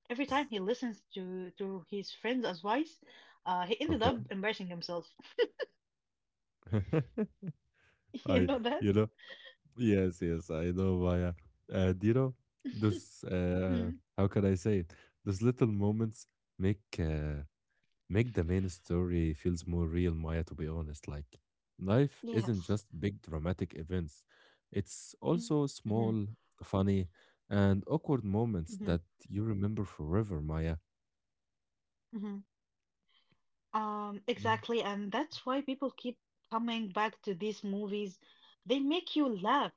S2: every time he listens to his friend's advice, he ended
S1: Okay.
S2: up embarrassing himself. You
S1: I,
S2: know that?
S1: you know, yes, yes, I know, Maya. And you know, those
S2: Mm,
S1: how can I say it? Those little moments make uh, make the main story feels more real, Maya. To be honest, like life isn't
S2: yes.
S1: just big dramatic events; it's
S2: Hmm.
S1: also small, funny, and awkward
S2: Hmm.
S1: moments that you remember forever, Maya.
S2: Hmm.
S1: Yeah.
S2: Exactly, and that's why people keep coming back to these movies. They make you laugh.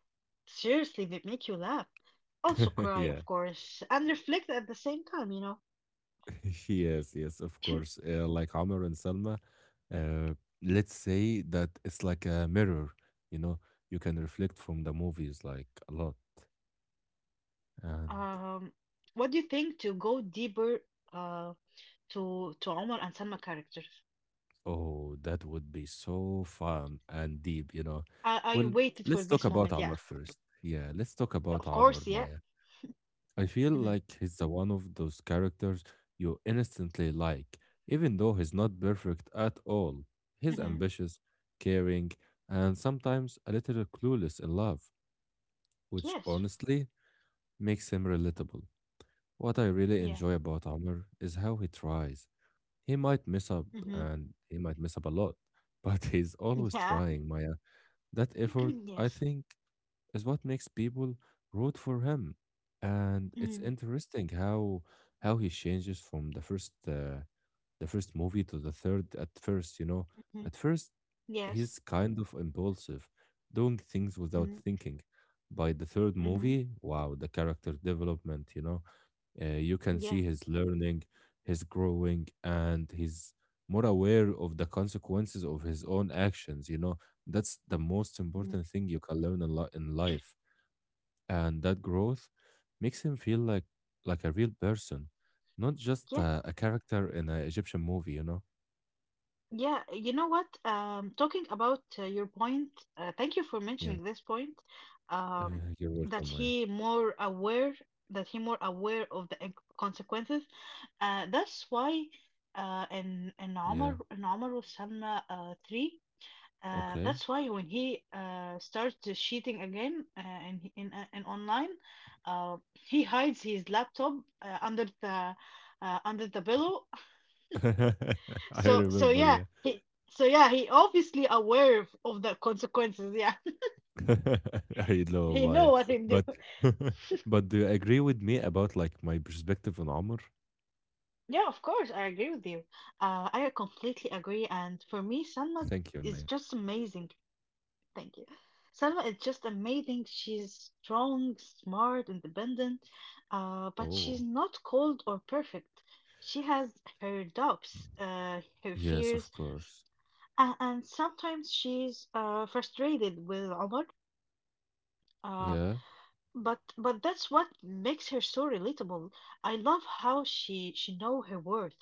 S2: Seriously, they make you laugh. Also cry,
S1: Yeah.
S2: of course, and reflect at the same time, you know.
S1: Yes, yes, of course. Like Amr and Salma, uh, let's say that it's like a mirror, you know, you can reflect from the movies like a lot. And
S2: Um, what do you think to go deeper? Um, to Omar and Selma characters.
S1: oh, that would be so fun and deep, you know.
S2: I
S1: Well,
S2: waited for
S1: let's talk
S2: this
S1: about
S2: moment. Yeah,
S1: Amr first. Yeah, let's talk about
S2: of
S1: Amr,
S2: course. Yeah.
S1: Maya. I feel
S2: Hmm.
S1: like he's the one of those characters you instantly like, even though he's not perfect at all. He's
S2: Hmm.
S1: ambitious, caring, and sometimes a little clueless in love, which
S2: Yes.
S1: honestly makes him relatable. What I really
S2: Yeah.
S1: enjoy about Amr is how he tries. He might mess up,
S2: Hmm.
S1: and he might mess up a lot, but he's always
S2: Yeah.
S1: trying, Maya. That effort, I
S2: Yes.
S1: think, is what makes people root for him. And it's
S2: Mm-hmm.
S1: interesting how he changes from the first the first movie to the third at first, you know.
S2: Mm-hmm.
S1: At first he's
S2: Yes.
S1: kind of impulsive, doing things without
S2: Mm-hmm.
S1: thinking. By the third
S2: Mm-hmm.
S1: movie, wow, the character development, you know, you can
S2: Yeah.
S1: see his learning, his growing, and he's more aware of the consequences of his own actions, you know that's the most
S2: Mhm.
S1: important thing you can learn a lot in life and that growth makes him feel like a real person, not just a character in an Egyptian movie, you know?
S2: Yeah, you know what? Talking about your point, thank you for
S1: Yeah.
S2: mentioning this point. Um,
S1: You're
S2: that
S1: welcome, Maya.
S2: he more aware of the consequences. That's why uh, in in
S1: Yeah.
S2: Omar in Omar Salma three.
S1: Okay.
S2: That's why when he starts cheating again in online, uh, he hides his laptop uh, under the under the pillow
S1: I
S2: so so
S1: remember,
S2: yeah,
S1: yeah.
S2: he so yeah, he obviously aware of the consequences. Yeah,
S1: I know,
S2: he know
S1: Maya.
S2: what he do.
S1: But but do you agree with me about like my perspective on Omar?
S2: Yeah, of course, I agree with you. I completely agree. And for me, Salma
S1: Thank you, Maya.
S2: is just amazing. Thank you. Salma is just amazing. She's strong, smart, independent, but she's
S1: Oh,
S2: not cold or perfect. She has her doubts, her
S1: yes, of
S2: fears,
S1: course.
S2: and, sometimes she's frustrated with Omar. uh,
S1: Yeah,
S2: but that's what makes her so relatable. I love how she know her worth.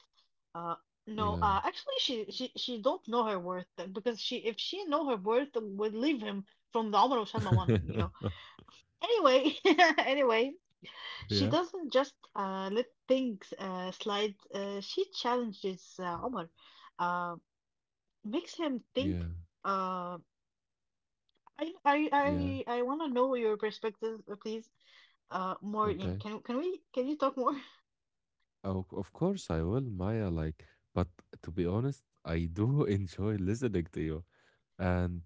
S2: Uh no,
S1: yeah,
S2: uh actually she don't know her worth because she if she know her worth would leave him from the Omar Salma one, you know. Anyway, anyway, she
S1: yeah,
S2: doesn't just let things slide. She challenges Omar. Uh Makes him think
S1: yeah,
S2: uh I I
S1: yeah.
S2: I I want to know your perspective, please. More, yeah,
S1: Okay.
S2: can we can you talk more?
S1: Oh, of course I will, Maya. Like, but to be honest, I do enjoy listening to you. And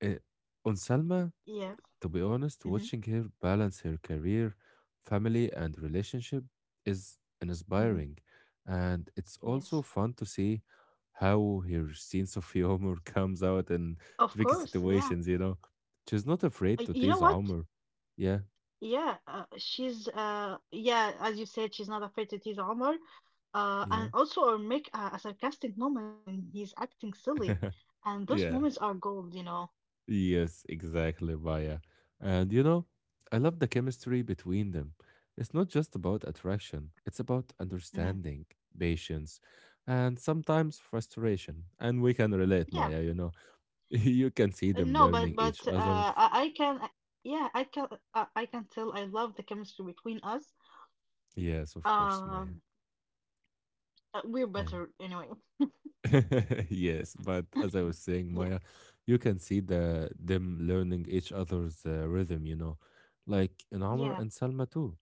S1: uh, on Salma,
S2: Yeah.
S1: to be honest,
S2: Mm-hmm.
S1: watching her balance her career, family, and relationship is
S2: Mm-hmm.
S1: inspiring. And it's
S2: Yes,
S1: also fun to see how her sense of humor comes out in
S2: of
S1: tricky
S2: course. Yeah.
S1: situations, you know. She's not afraid to
S2: You know
S1: tease
S2: what?
S1: Omar. Yeah,
S2: Yeah, as you said, she's not afraid to tease Omar.
S1: yeah,
S2: And also or make a sarcastic moment when he's acting silly. And those
S1: yeah.
S2: moments are gold, you know.
S1: Yes, exactly, Maya. And you know, I love the chemistry between them. It's not just about attraction, it's about
S2: Hmm.
S1: understanding, patience, and sometimes frustration. And we can relate,
S2: Yeah.
S1: Maya, you know. You can see them
S2: No,
S1: learning each
S2: but
S1: other.
S2: I can I- yeah, I can tell I love the chemistry between us.
S1: Yes, of course, Maya.
S2: Um, we're
S1: And
S2: better anyway.
S1: yes, but as I was saying,
S2: Yeah.
S1: Maya, you can see them learning each other's rhythm, you know. Like in Amr
S2: Yeah.
S1: and Salma too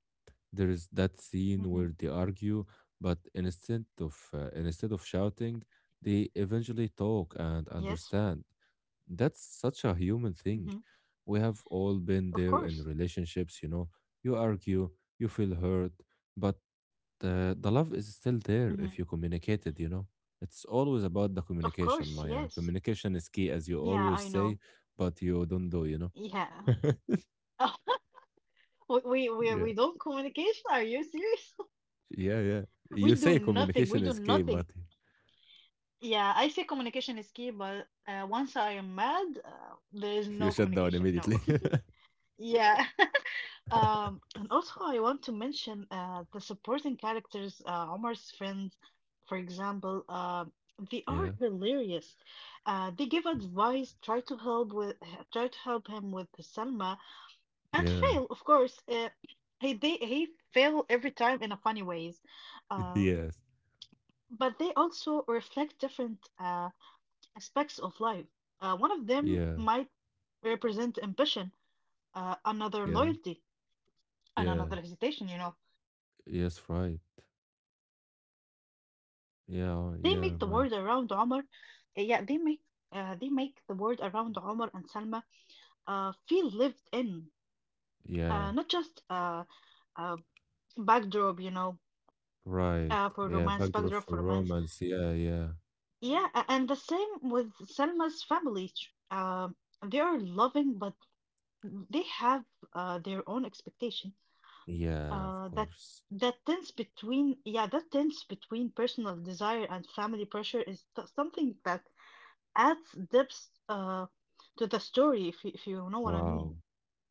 S1: there is that scene
S2: Hmm.
S1: where they argue, but instead of shouting, they eventually talk and
S2: Yes.
S1: understand. That's such a human thing.
S2: Mhm.
S1: We have all been
S2: Of
S1: there in
S2: course.
S1: relationships, you know. You argue, you feel hurt, but the love is still
S2: Mhm.
S1: there if you communicate it. It's always about the
S2: Of course,
S1: communication,
S2: yes.
S1: Maya. Communication is key, as you
S2: Yeah, I
S1: always
S2: know.
S1: say, but you don't do.
S2: Yeah. we we we
S1: Yeah.
S2: we don't communication. Are you serious?
S1: Yeah, yeah. You
S2: We do
S1: say
S2: nothing. We
S1: communication
S2: do
S1: is key,
S2: nothing.
S1: but
S2: Yeah, I say communication is key, but once I am mad, there is
S1: You
S2: no
S1: shut down
S2: communication.
S1: immediately.
S2: No. Yeah. And also, I want to mention the supporting characters, Omar's friends, for example, they are
S1: Yeah,
S2: hilarious. They give advice, try to help with, try to help him with Selma, and
S1: yeah,
S2: fail, of course. He fail every time in a funny ways, um,
S1: yes,
S2: but they also reflect different aspects of life. One of them
S1: yeah,
S2: might represent ambition, another
S1: yeah,
S2: loyalty, and another
S1: yeah,
S2: hesitation. You know.
S1: yes, right.
S2: Um,
S1: Yeah,
S2: They
S1: yeah,
S2: make the
S1: my,
S2: world around Omar. uh, Yeah, they make they make the world around Omar and Salma feel lived in,
S1: yeah,
S2: not just uh, backdrop, you know,
S1: right. Yeah, backdrop
S2: backdrop
S1: for
S2: for romance.
S1: romance. Yeah, yeah,
S2: Yeah, and the same with Selma's family. They are loving, but they have their own expectation.
S1: yeah, of
S2: Uh, that
S1: course.
S2: that tense between personal desire and family pressure is something that adds depth to the story, if you know what I mean.
S1: Wow,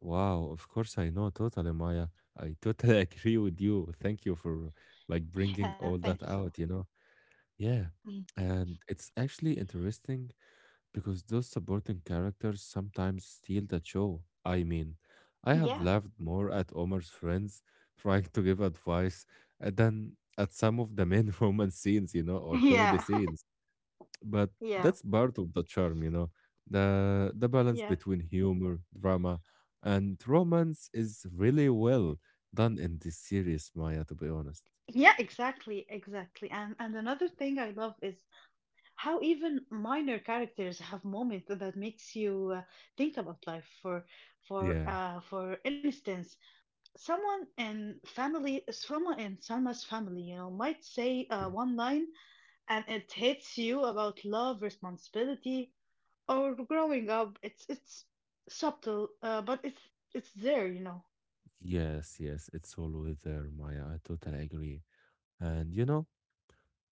S1: wow, of course, I know totally, Maya. I totally agree with you. Thank you for like bringing
S2: Yeah,
S1: all
S2: thank you
S1: that
S2: so
S1: out, you know? Yeah,
S2: much. Mm.
S1: and it's actually interesting because those supporting characters sometimes steal the show. I mean, I have
S2: Yeah,
S1: laughed more at Omar's friends trying to give advice than at some of the main romance scenes, or comedy
S2: yeah,
S1: scenes. But
S2: yeah,
S1: that's part of the charm. The balance
S2: yeah.
S1: between humor, drama, and romance is really well done in this series, Maya, to be honest.
S2: Yeah, exactly, exactly. And another thing I love is how even minor characters have moments that makes you think about life. For for
S1: Yeah,
S2: uh for instance, someone in Salma's family, you know, might say
S1: yeah.
S2: one line and it hits you about love, responsibility, or growing up. It's subtle but it's there, you know.
S1: Yes, yes, it's always there, Maya. I totally agree. And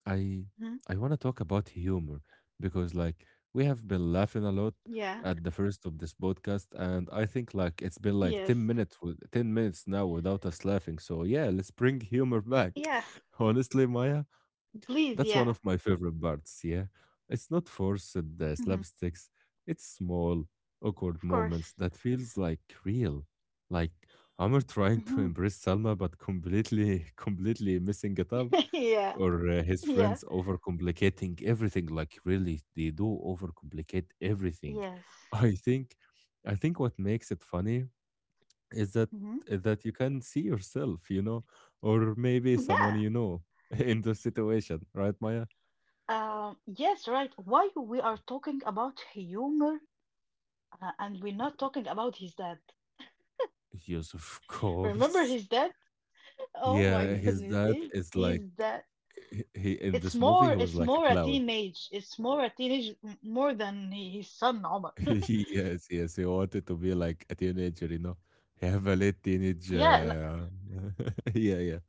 S1: I
S2: Mhm.
S1: I want to talk about humor because like we have been laughing a
S2: Yeah.
S1: lot at the first of this podcast and I think like it's been like
S2: Yes.
S1: 10 minutes with 10 minutes now without us laughing. So yeah, let's bring humor back.
S2: Yeah.
S1: Honestly, Maya,
S2: Please. Yeah.
S1: that's one of my favorite parts, yeah. It's not forced
S2: Mhm.
S1: slapsticks. It's small,
S2: Of
S1: awkward
S2: course.
S1: moments that feels like real. Like Amr
S2: Mhm.
S1: trying to embrace Salma but completely completely missing it up
S2: Yeah.
S1: or his
S2: Yeah.
S1: friends overcomplicating everything like really they do overcomplicate everything
S2: Yes.
S1: i think I think what makes it funny is that
S2: Mhm.
S1: that you can see yourself or maybe someone
S2: Yeah.
S1: you know in the situation right maya
S2: Yes, right, why we are talking about humor and we're not talking about his dad?
S1: Yes, of
S2: Remember
S1: course.
S2: his dad? Oh my
S1: Yeah, his
S2: goodness,
S1: dad is like
S2: his dad.
S1: in
S2: It's
S1: this movie
S2: more
S1: he was
S2: it's
S1: like a
S2: more a
S1: clown.
S2: teenage it's more a teenage m- more than his son Omar.
S1: Yes, yes, he wanted to be like a teenager. He have a late teenage,
S2: Yeah,
S1: yeah, yeah,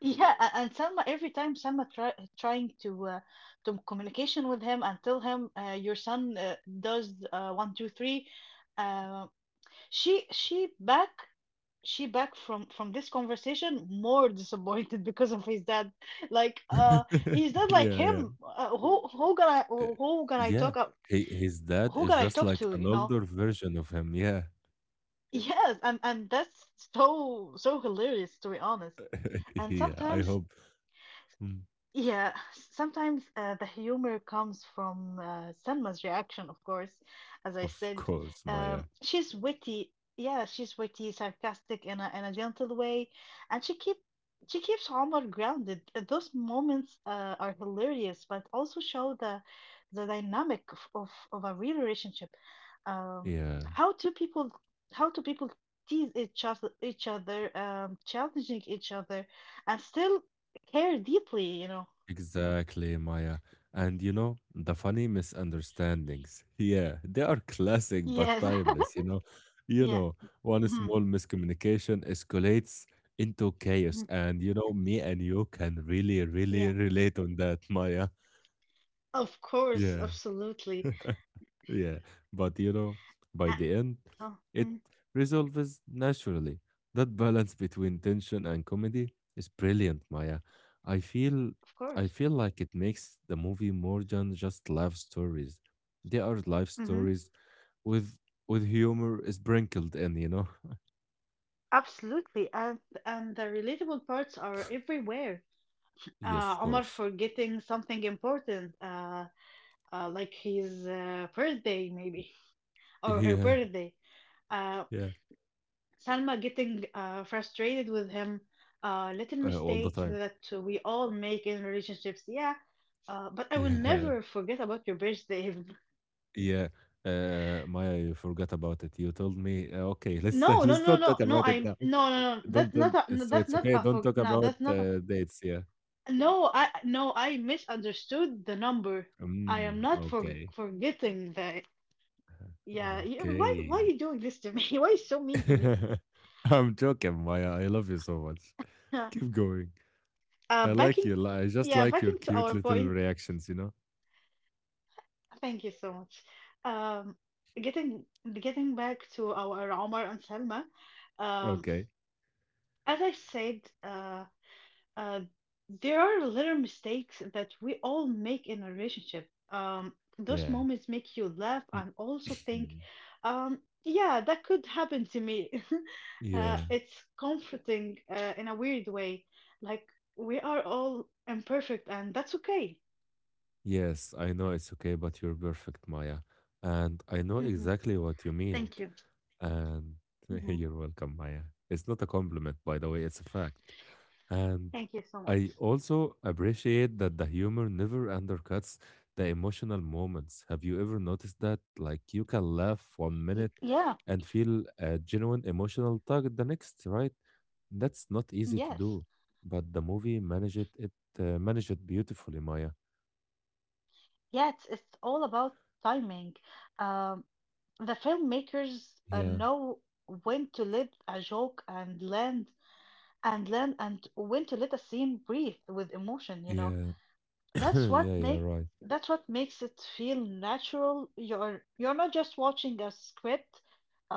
S2: yeah, and Selma every time Selma trying to communication with him and tell him your son does 1, 2, 3, uh, she back from this conversation more disappointed because of his dad. Like his dad like
S1: yeah, yeah,
S2: him. Uh, who who gonna
S1: Uh,
S2: who gonna I
S1: yeah.
S2: talk up?
S1: His dad
S2: Who
S1: is
S2: gonna I
S1: just
S2: talk
S1: like
S2: to?
S1: an
S2: You know?
S1: older version of him. Yeah,
S2: Yeah. Yes, and that's so so hilarious, to be honest. And
S1: yeah. I
S2: sometimes.
S1: hope, Mm,
S2: Yeah, sometimes the humor comes from Selma's reaction, of course. As I
S1: of
S2: said,
S1: course, Maya.
S2: she's witty. Yeah, she's witty, sarcastic in a gentle way, and she keeps Omar grounded. Those moments are hilarious, but also show the dynamic of of a real relationship. Um,
S1: Yeah.
S2: how two people how do people tease each other, challenging each other, and still care deeply? You know.
S1: Exactly, Maya. And the funny misunderstandings. Yeah, they are classic but
S2: Yes.
S1: timeless. You
S2: Yeah.
S1: know, one
S2: Mhm.
S1: small miscommunication escalates
S2: Mhm.
S1: into chaos. And me and you can really,
S2: Yeah.
S1: really relate on that, Maya.
S2: Of course.
S1: Yeah.
S2: Absolutely.
S1: Yeah, but
S2: Uh,
S1: by the end,
S2: oh,
S1: it
S2: mm,
S1: resolves naturally. That balance between tension and comedy is brilliant, Maya. I feel
S2: of
S1: I
S2: course.
S1: feel like it makes the movie more than just love stories. They are life
S2: Hmm.
S1: stories with with humor sprinkled in, you know?
S2: Absolutely. And the relatable parts are everywhere.
S1: Yes, of
S2: Omar
S1: course.
S2: forgetting something important, like his birthday maybe, or her
S1: Yeah,
S2: birthday. Uh,
S1: yeah.
S2: Salma getting frustrated with him. Little
S1: All the
S2: mistakes
S1: time.
S2: that we all make in relationships. Yeah. But I will
S1: Yeah,
S2: never forget about your birthday.
S1: yeah. Maya, you forgot about it. You told me, okay, let's
S2: No, no,
S1: let's
S2: no,
S1: not talk
S2: no, no.
S1: about it
S2: I'm
S1: now. Don't
S2: That's not
S1: don't
S2: a.
S1: so
S2: That's
S1: it's
S2: not
S1: okay,
S2: a.
S1: don't
S2: For,
S1: talk
S2: no,
S1: about,
S2: that's not a.
S1: dates, yeah.
S2: No, I no. I misunderstood the number. I am
S1: Mm,
S2: not for
S1: okay,
S2: forgetting that. Yeah, yeah. Why are
S1: okay.
S2: you doing this to me? Why are you so mean to me?
S1: I'm joking, Maya, I love you so much. Keep going. I like
S2: Backing.
S1: you, li I just
S2: Yeah,
S1: like your
S2: backing to
S1: cute
S2: our
S1: little
S2: point.
S1: reactions, you know?
S2: Thank you so much. Um, getting getting back to our Omar and Salma. Um,
S1: Okay.
S2: as I said, Uh, there are little mistakes that we all make in a relationship. Those
S1: Yeah.
S2: moments make you laugh
S1: Mm.
S2: and also think, yeah, that could happen to me.
S1: Yeah.
S2: It's comforting in a weird way. Like we are all imperfect, and that's okay.
S1: Yes, I know it's okay, but you're perfect, Maya, and I know
S2: Hmm.
S1: exactly what you mean.
S2: Thank you.
S1: And
S2: Hmm.
S1: you're welcome, Maya. It's not a compliment, by the way, it's a fact. And
S2: Thank you so much.
S1: I also appreciate that the humor never undercuts the emotional moments. Have you ever noticed that? Like, you can laugh one minute
S2: Yeah.
S1: and feel a genuine emotional tug the next, right? That's not easy to
S2: Yes.
S1: do, but the movie managed it beautifully, Maya.
S2: Yeah. It's all about timing. Um, The filmmakers
S1: Yeah,
S2: know when to let a joke and land and land and when to let a scene breathe with emotion, you know.
S1: yeah,
S2: That's
S1: yeah,
S2: Mm. what
S1: yeah,
S2: make
S1: right.
S2: that's what makes it feel natural. You're not just watching a script.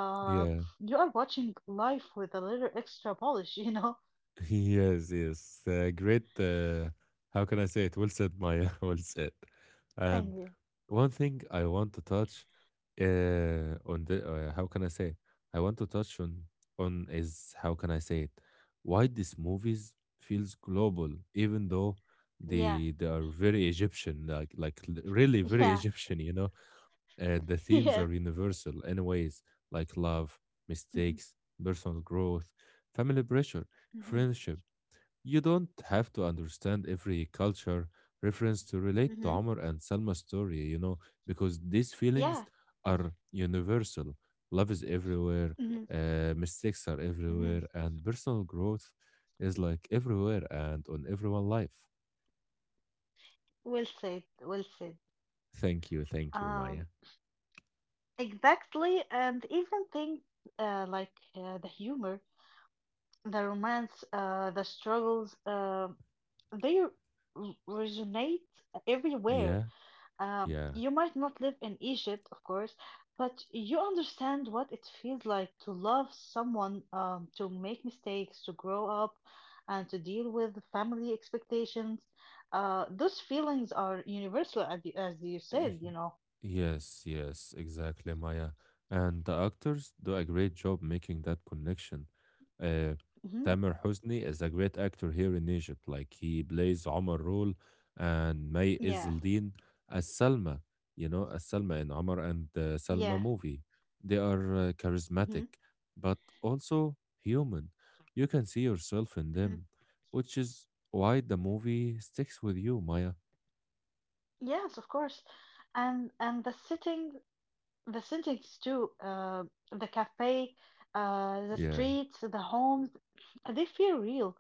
S2: Uh,
S1: Yeah.
S2: you are watching life with a little extra polish, you know.
S1: Yes, yes. Great. How can I say it? Well said, Maya. Well said. And
S2: Thank you.
S1: one thing I want to touch on the how can I say? It? I want to touch on is how can I say it? Why these movies feels global, even though
S2: Yeah.
S1: they are very Egyptian, like really very
S2: Yeah.
S1: Egyptian. The themes
S2: Yeah.
S1: are universal, anyways, like love,
S2: Yes. Mhm,
S1: mistakes, personal growth, family pressure
S2: mhm,
S1: friendship you don't have to understand every culture reference to relate to
S2: mhm.
S1: Amr and Salma's story, because these feelings
S2: Yeah.
S1: are universal. Love is everywhere,
S2: Mhm,
S1: mistakes are everywhere,
S2: mhm.
S1: and personal growth is like everywhere and on everyone's life.
S2: Well said. Well said.
S1: Thank you, Maya.
S2: Um, Exactly, and even things the humor, the romance, the struggles, they r- resonate everywhere.
S1: Yeah, yeah.
S2: You might not live in Egypt, of course, but you understand what it feels like to love someone, to make mistakes, to grow up, and to deal with family expectations. Those feelings are universal, as you
S1: Eh,
S2: said, you know.
S1: Yes, yes, exactly, Maya. And the actors do a great job making that connection. Uh,
S2: Hmm.
S1: Tamer Hosni is a great actor here in Egypt. Like he plays Omar role and May
S2: Yeah,
S1: Izzeldin as Salma, as Salma in Omar and
S2: yeah.
S1: Salma movie. They are
S2: Hmm.
S1: charismatic, but also human. You can see yourself in them, which is why the movie sticks with you, Maya.
S2: Yes, of course. And the sittings too, the cafe, the
S1: Yeah,
S2: streets, the homes, they feel real.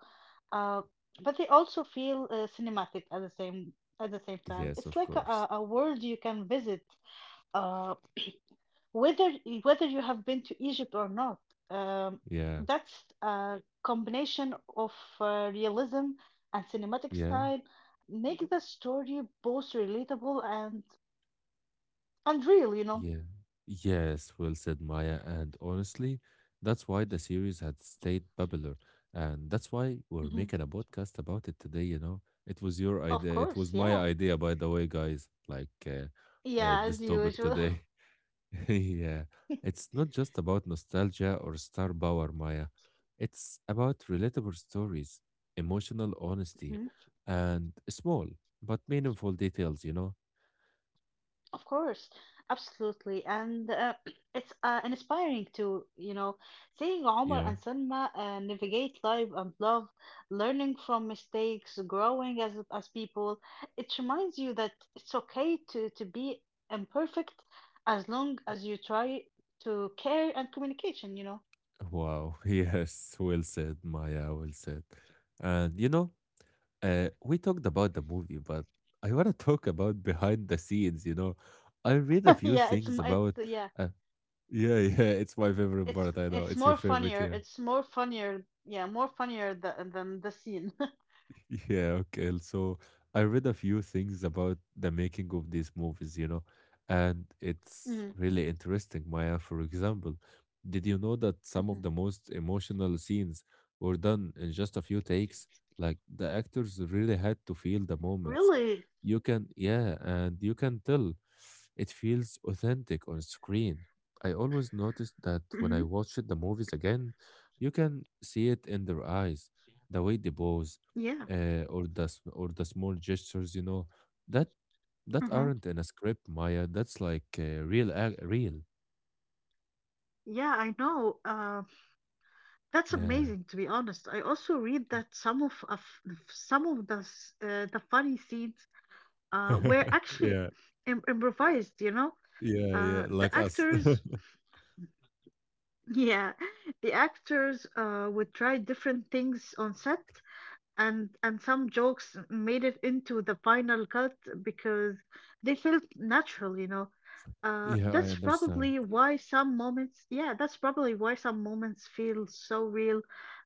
S2: Uh, but they also feel cinematic at the same time.
S1: yes,
S2: It's
S1: of
S2: like
S1: course.
S2: a world you can visit, uh, whether whether you have been to Egypt or not. Um,
S1: Yeah,
S2: that's a combination of realism and cinematic
S1: yeah,
S2: style make the story both relatable and real, you know.
S1: yeah. Yes, well said, Maya. And honestly, that's why the series had stayed popular. And that's why we're
S2: Mhm.
S1: making a podcast about it today. It was your
S2: Of
S1: idea. It
S2: course,
S1: was my
S2: yeah.
S1: idea, by the way, guys. Like
S2: Yeah, as
S1: this topic
S2: usual.
S1: today. Yeah. It's not just about nostalgia or star power, Maya. It's about relatable stories, emotional honesty,
S2: Mhm.
S1: and small but meaningful details.
S2: Of course, absolutely, and it's inspiring to you know seeing Omar
S1: Yeah.
S2: and Selma navigate life and love, learning from mistakes, growing as people. It reminds you that it's okay to be imperfect as long as you try to care and communication. You know,
S1: Wow. Yes. Well said, Maya. Well said. And we talked about the movie, but I want to talk about behind the scenes. I read a few
S2: yeah,
S1: things
S2: it's
S1: about.
S2: yeah.
S1: Uh, yeah, yeah. It's my favorite
S2: It's
S1: part. I know
S2: it's
S1: it's your
S2: more
S1: favorite.
S2: funnier.
S1: Yeah.
S2: It's more funnier. Yeah, more funnier than the scene.
S1: Yeah, okay. So I read a few things about the making of these movies, and it's really
S2: Mm, mm,
S1: interesting, Maya. For example, did you know that some of the most
S2: mhm.
S1: emotional scenes were done in just a few takes? Like the actors really had to feel the moments.
S2: Really?
S1: You can, yeah, and you can tell it feels authentic on screen. I always noticed that when I
S2: Hmm.
S1: watched the movies again, you can see it in their eyes, the way they pose
S2: Yeah.
S1: or or the small gestures that that aren't
S2: Hmm.
S1: in a script maya that's like real real
S2: Yeah, I know. That's
S1: yeah
S2: amazing, to be honest. I also read that some of some of the the funny scenes were actually
S1: yeah,
S2: Im improvised. You know,
S1: yeah, yeah,
S2: the
S1: like us.
S2: actors, yeah, the actors would try different things on set and some jokes made it into the final cut because they felt natural, you know.
S1: yeah I
S2: That's
S1: understand
S2: probably why some moments feel so real.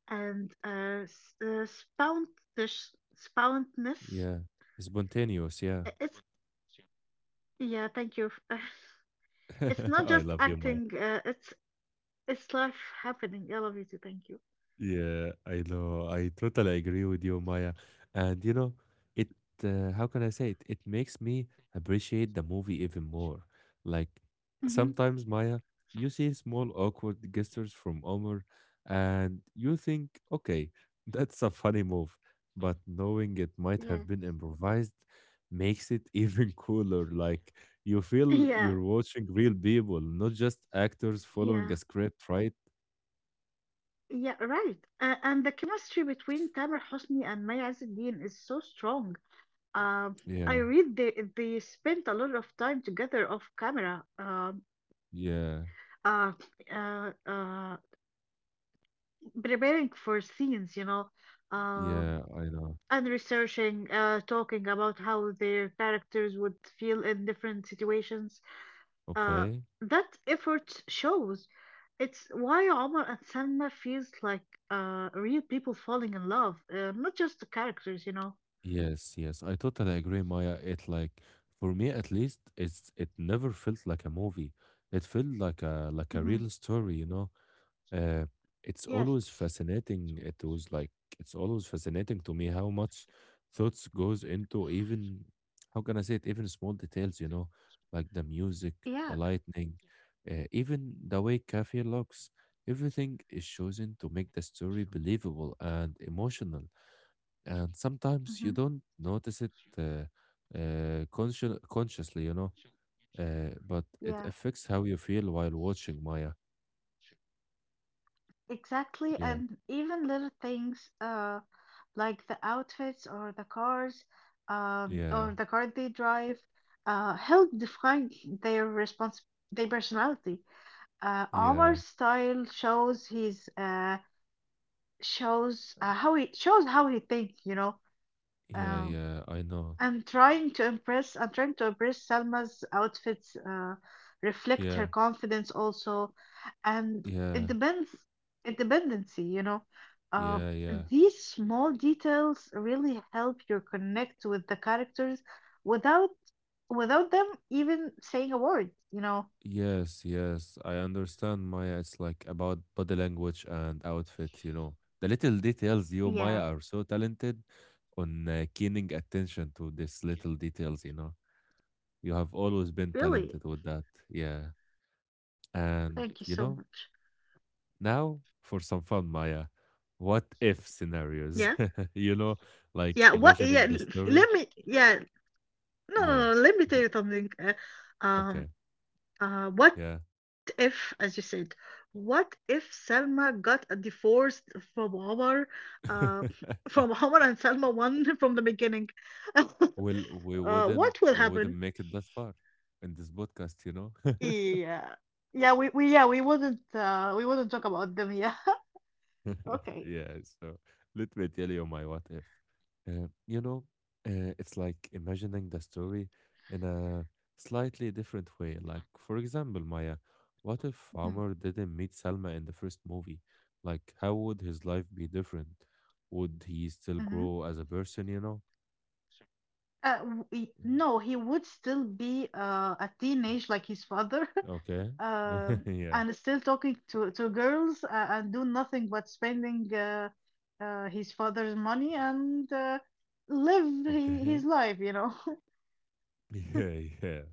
S2: And s- spountish spontness
S1: yeah spontaneous yeah
S2: I- it's Yeah, thank you. It's not
S1: I
S2: just
S1: love you, Maya.
S2: acting, it's life happening. I love you too. Thank you.
S1: Yeah, I know. I totally agree with you, Maya. And you know, it how can I say it? It makes me appreciate the movie even more. Like
S2: Hmm.
S1: sometimes, Maya, you see small awkward gestures from Omar, and you think, okay, that's a funny move. But knowing it might
S2: Yeah.
S1: have been improvised makes it even cooler. Like you feel
S2: Yeah.
S1: you're watching real people, not just actors following
S2: Yeah.
S1: a script, right?
S2: Yeah, right. And the chemistry between Tamer Hosni and Maya Azedin is so strong. Um, I
S1: Yeah.
S2: read they spent a lot of time together off camera,
S1: Yeah.
S2: uh, uh, uh, preparing for scenes, you know, um,
S1: Yeah, I know.
S2: and researching, talking about how their characters would feel in different situations. Uh,
S1: Okay.
S2: that effort shows. It's why Omar and Selma feels like real people falling in love, not just the characters, you know.
S1: Yes, yes. I totally agree, Maya. It like for me at least, it never felt like a movie. It felt like a
S2: Hmm.
S1: real story. Uh, it's
S2: Yes.
S1: always fascinating. It was like it's always fascinating to me how much thoughts goes into even how can I say it, even small details, like the music,
S2: Yeah.
S1: the lightning, even the way Kaffir looks. Everything is chosen to make the story believable and emotional. And sometimes you
S2: Hmm.
S1: don't notice it uh, consciously, but it
S2: Yeah.
S1: affects how you feel while watching Maya.
S2: Exactly.
S1: Yeah,
S2: And even little things like the outfits or the cars um,
S1: yeah,
S2: or the car they drive, help define their response, their personality.
S1: yeah,
S2: Omar's style shows how he shows how he thinks, you know.
S1: yeah,
S2: Um,
S1: yeah. I know.
S2: I'm trying to impress. I'm trying to impress. Salma's outfits reflect her
S1: Yeah,
S2: confidence also, and it
S1: yeah,
S2: depends independency. You know, uh,
S1: yeah, yeah.
S2: these small details really help you connect with the characters without without them even saying a word. You know,
S1: Yes, yes. I understand, Maya. It's like about body language and outfit. The little details. You, Maya,
S2: yeah,
S1: are so talented on keening attention to these little details. You have always been
S2: really.
S1: talented with that. Yeah.
S2: Thank you so
S1: And, you
S2: much.
S1: know, now for some fun, Maya, what if
S2: Yeah,
S1: scenarios? you know,
S2: yeah.
S1: like
S2: What? Yeah.
S1: imagining the story.
S2: Let me. Yeah. No, no,
S1: Yeah.
S2: no, let me
S1: Is
S2: tell
S1: it-
S2: you something.
S1: Okay.
S2: Um,
S1: Yeah.
S2: what if, as you said, what if Selma got a divorce from Omar, uh, from Omar and Selma one from the beginning? uh,
S1: well, we wouldn't
S2: what will
S1: we wouldn't
S2: happen?
S1: make it that far in this podcast.
S2: Yeah, yeah, we yeah we wouldn't talk about them. Yeah, okay.
S1: yeah, so let me tell you my what if. Uh, you know, it's like imagining the story in a slightly different way. Like, for example, Maya, what if
S2: Mhm.
S1: Omar didn't meet Salma in the first movie? Like, how would his life be different? Would he still
S2: Mhm.
S1: grow as a person, you know?
S2: No, he would still be a teenage like his father,
S1: Okay. yeah.
S2: and still talking to girls and do nothing but spending his father's money and live
S1: Okay.
S2: his life, you know.
S1: Yeah, yeah.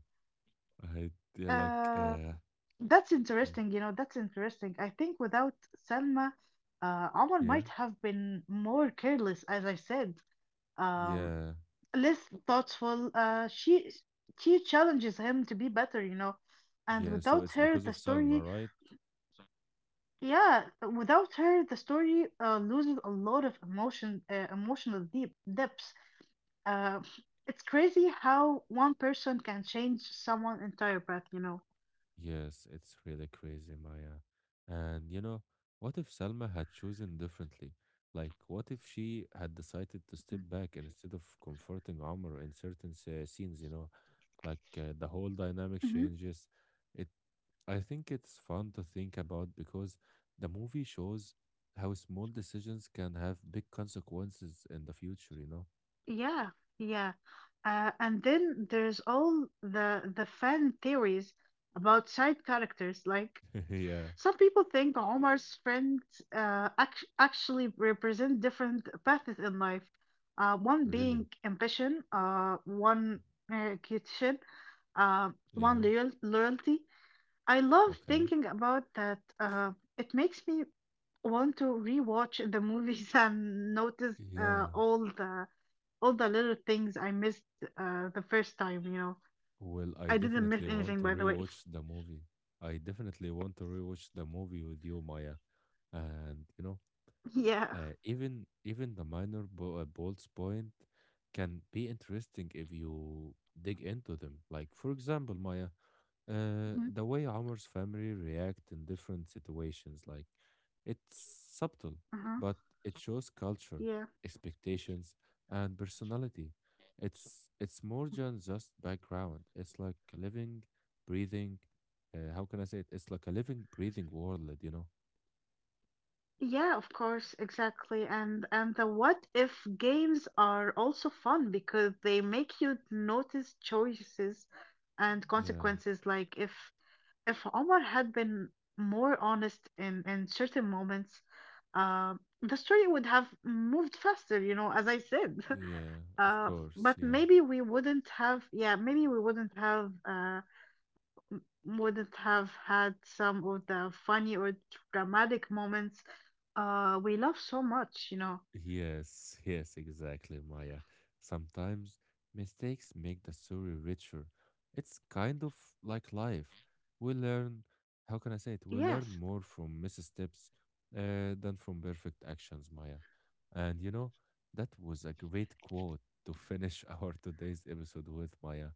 S1: I yeah, like
S2: Uh,
S1: uh
S2: that's
S1: mm,
S2: interesting, you know, that's interesting. I think without Selma, Omar
S1: yeah.
S2: might have been more careless, as I said. Um,
S1: Yeah.
S2: Less thoughtful. She challenges him to be better, you know. And
S1: Yeah. So
S2: without
S1: it's
S2: her,
S1: because
S2: the
S1: of
S2: story,
S1: Salma, right?
S2: yeah, without her, the story loses a lot of emotion, emotional deep depths. Uh, it's crazy how one person can change someone entire path, you know.
S1: Yes, it's really crazy, Maya. And What if Salma had chosen differently? Like, what if she had decided to step back and instead of comforting Omar in certain scenes? The whole
S2: Hmm.
S1: dynamic changes. It, I think it's fun to think about because the movie shows how small decisions can have big consequences in the future. You know?
S2: Yeah, yeah. And then there's all the fan theories about side characters. Like
S1: yeah
S2: some people think Omar's friends actually represent different paths in life. One
S1: Really?
S2: being ambition, uh, one
S1: Yeah.
S2: loyalty. I love
S1: Okay.
S2: thinking about that. It makes me want to rewatch the movies and notice
S1: Yeah.
S2: all the little things I missed the first time. You know,
S1: Well, I
S2: I didn't miss
S1: definitely want
S2: anything,
S1: to
S2: by the way.
S1: rewatch the movie. I definitely want to rewatch the movie with you, Maya. And
S2: Yeah.
S1: even the minor bolts point can be interesting if you dig into them. Like for example, Maya,
S2: Mhm.
S1: the way Omar's family react in different situations, like it's subtle,
S2: Uh-huh.
S1: but it shows culture,
S2: Yeah.
S1: expectations, and personality. It's more than just background. It's like a living, breathing. How can I say it? It's like a living, breathing world, you know?
S2: Yeah, of course, exactly. And the what if games are also fun because they make you notice choices and
S1: Yeah,
S2: consequences. Like if Omar had been more honest in certain moments, uh, the story would have moved faster, you know, as I said.
S1: yeah, of
S2: Uh,
S1: course,
S2: but
S1: yeah.
S2: maybe we wouldn't have, yeah, maybe we wouldn't have m- wouldn't have had some of the funny or dramatic moments we love so much, you know.
S1: Yes, yes, exactly, Maya. Sometimes mistakes make the story richer. It's kind of like life. We learn, how
S2: Mhm.
S1: can I say
S2: Yes,
S1: it? We learn more from missteps than from perfect actions, Maya. And That was a great quote to finish our today's episode with, Maya.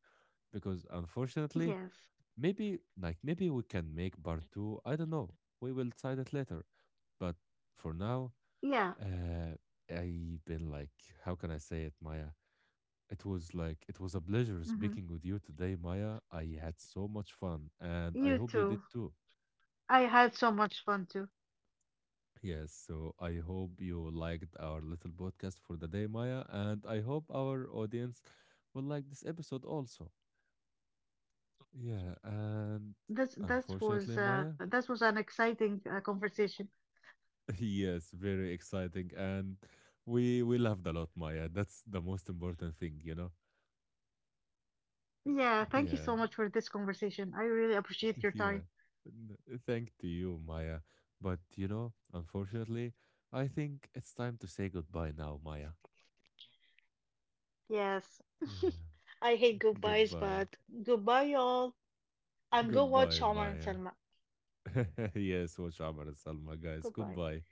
S1: Because unfortunately,
S2: yes,
S1: maybe, like, maybe we can make part two. I don't know. We will decide it later. But for now,
S2: yeah.
S1: uh, I've been like, how can I say it, Maya? It was a pleasure
S2: Hmm.
S1: speaking with you today, Maya. I had so much fun, and I
S2: You
S1: hope you did
S2: too.
S1: too.
S2: I had so much fun too.
S1: Yes, so I hope you liked our little podcast for the day, Maya, and I hope our audience will like this episode also. Yeah, and
S2: this this
S1: unfortunately,
S2: was uh
S1: Maya,
S2: this was an exciting conversation.
S1: yes, very exciting, and we loved a lot, Maya. That's the most important thing.
S2: Yeah, thank you
S1: Yeah.
S2: so much for this conversation. I really appreciate your
S1: Yeah,
S2: time.
S1: thank to you, Maya. But unfortunately, I think it's time to say goodbye now, Maya.
S2: Yes,
S1: Yeah,
S2: I hate goodbyes,
S1: goodbye,
S2: but goodbye, y'all, and go watch
S1: goodbye,
S2: Omar and
S1: Maya.
S2: Selma.
S1: yes, watch Amar and Salma, guys.
S2: Goodbye.
S1: Goodbye.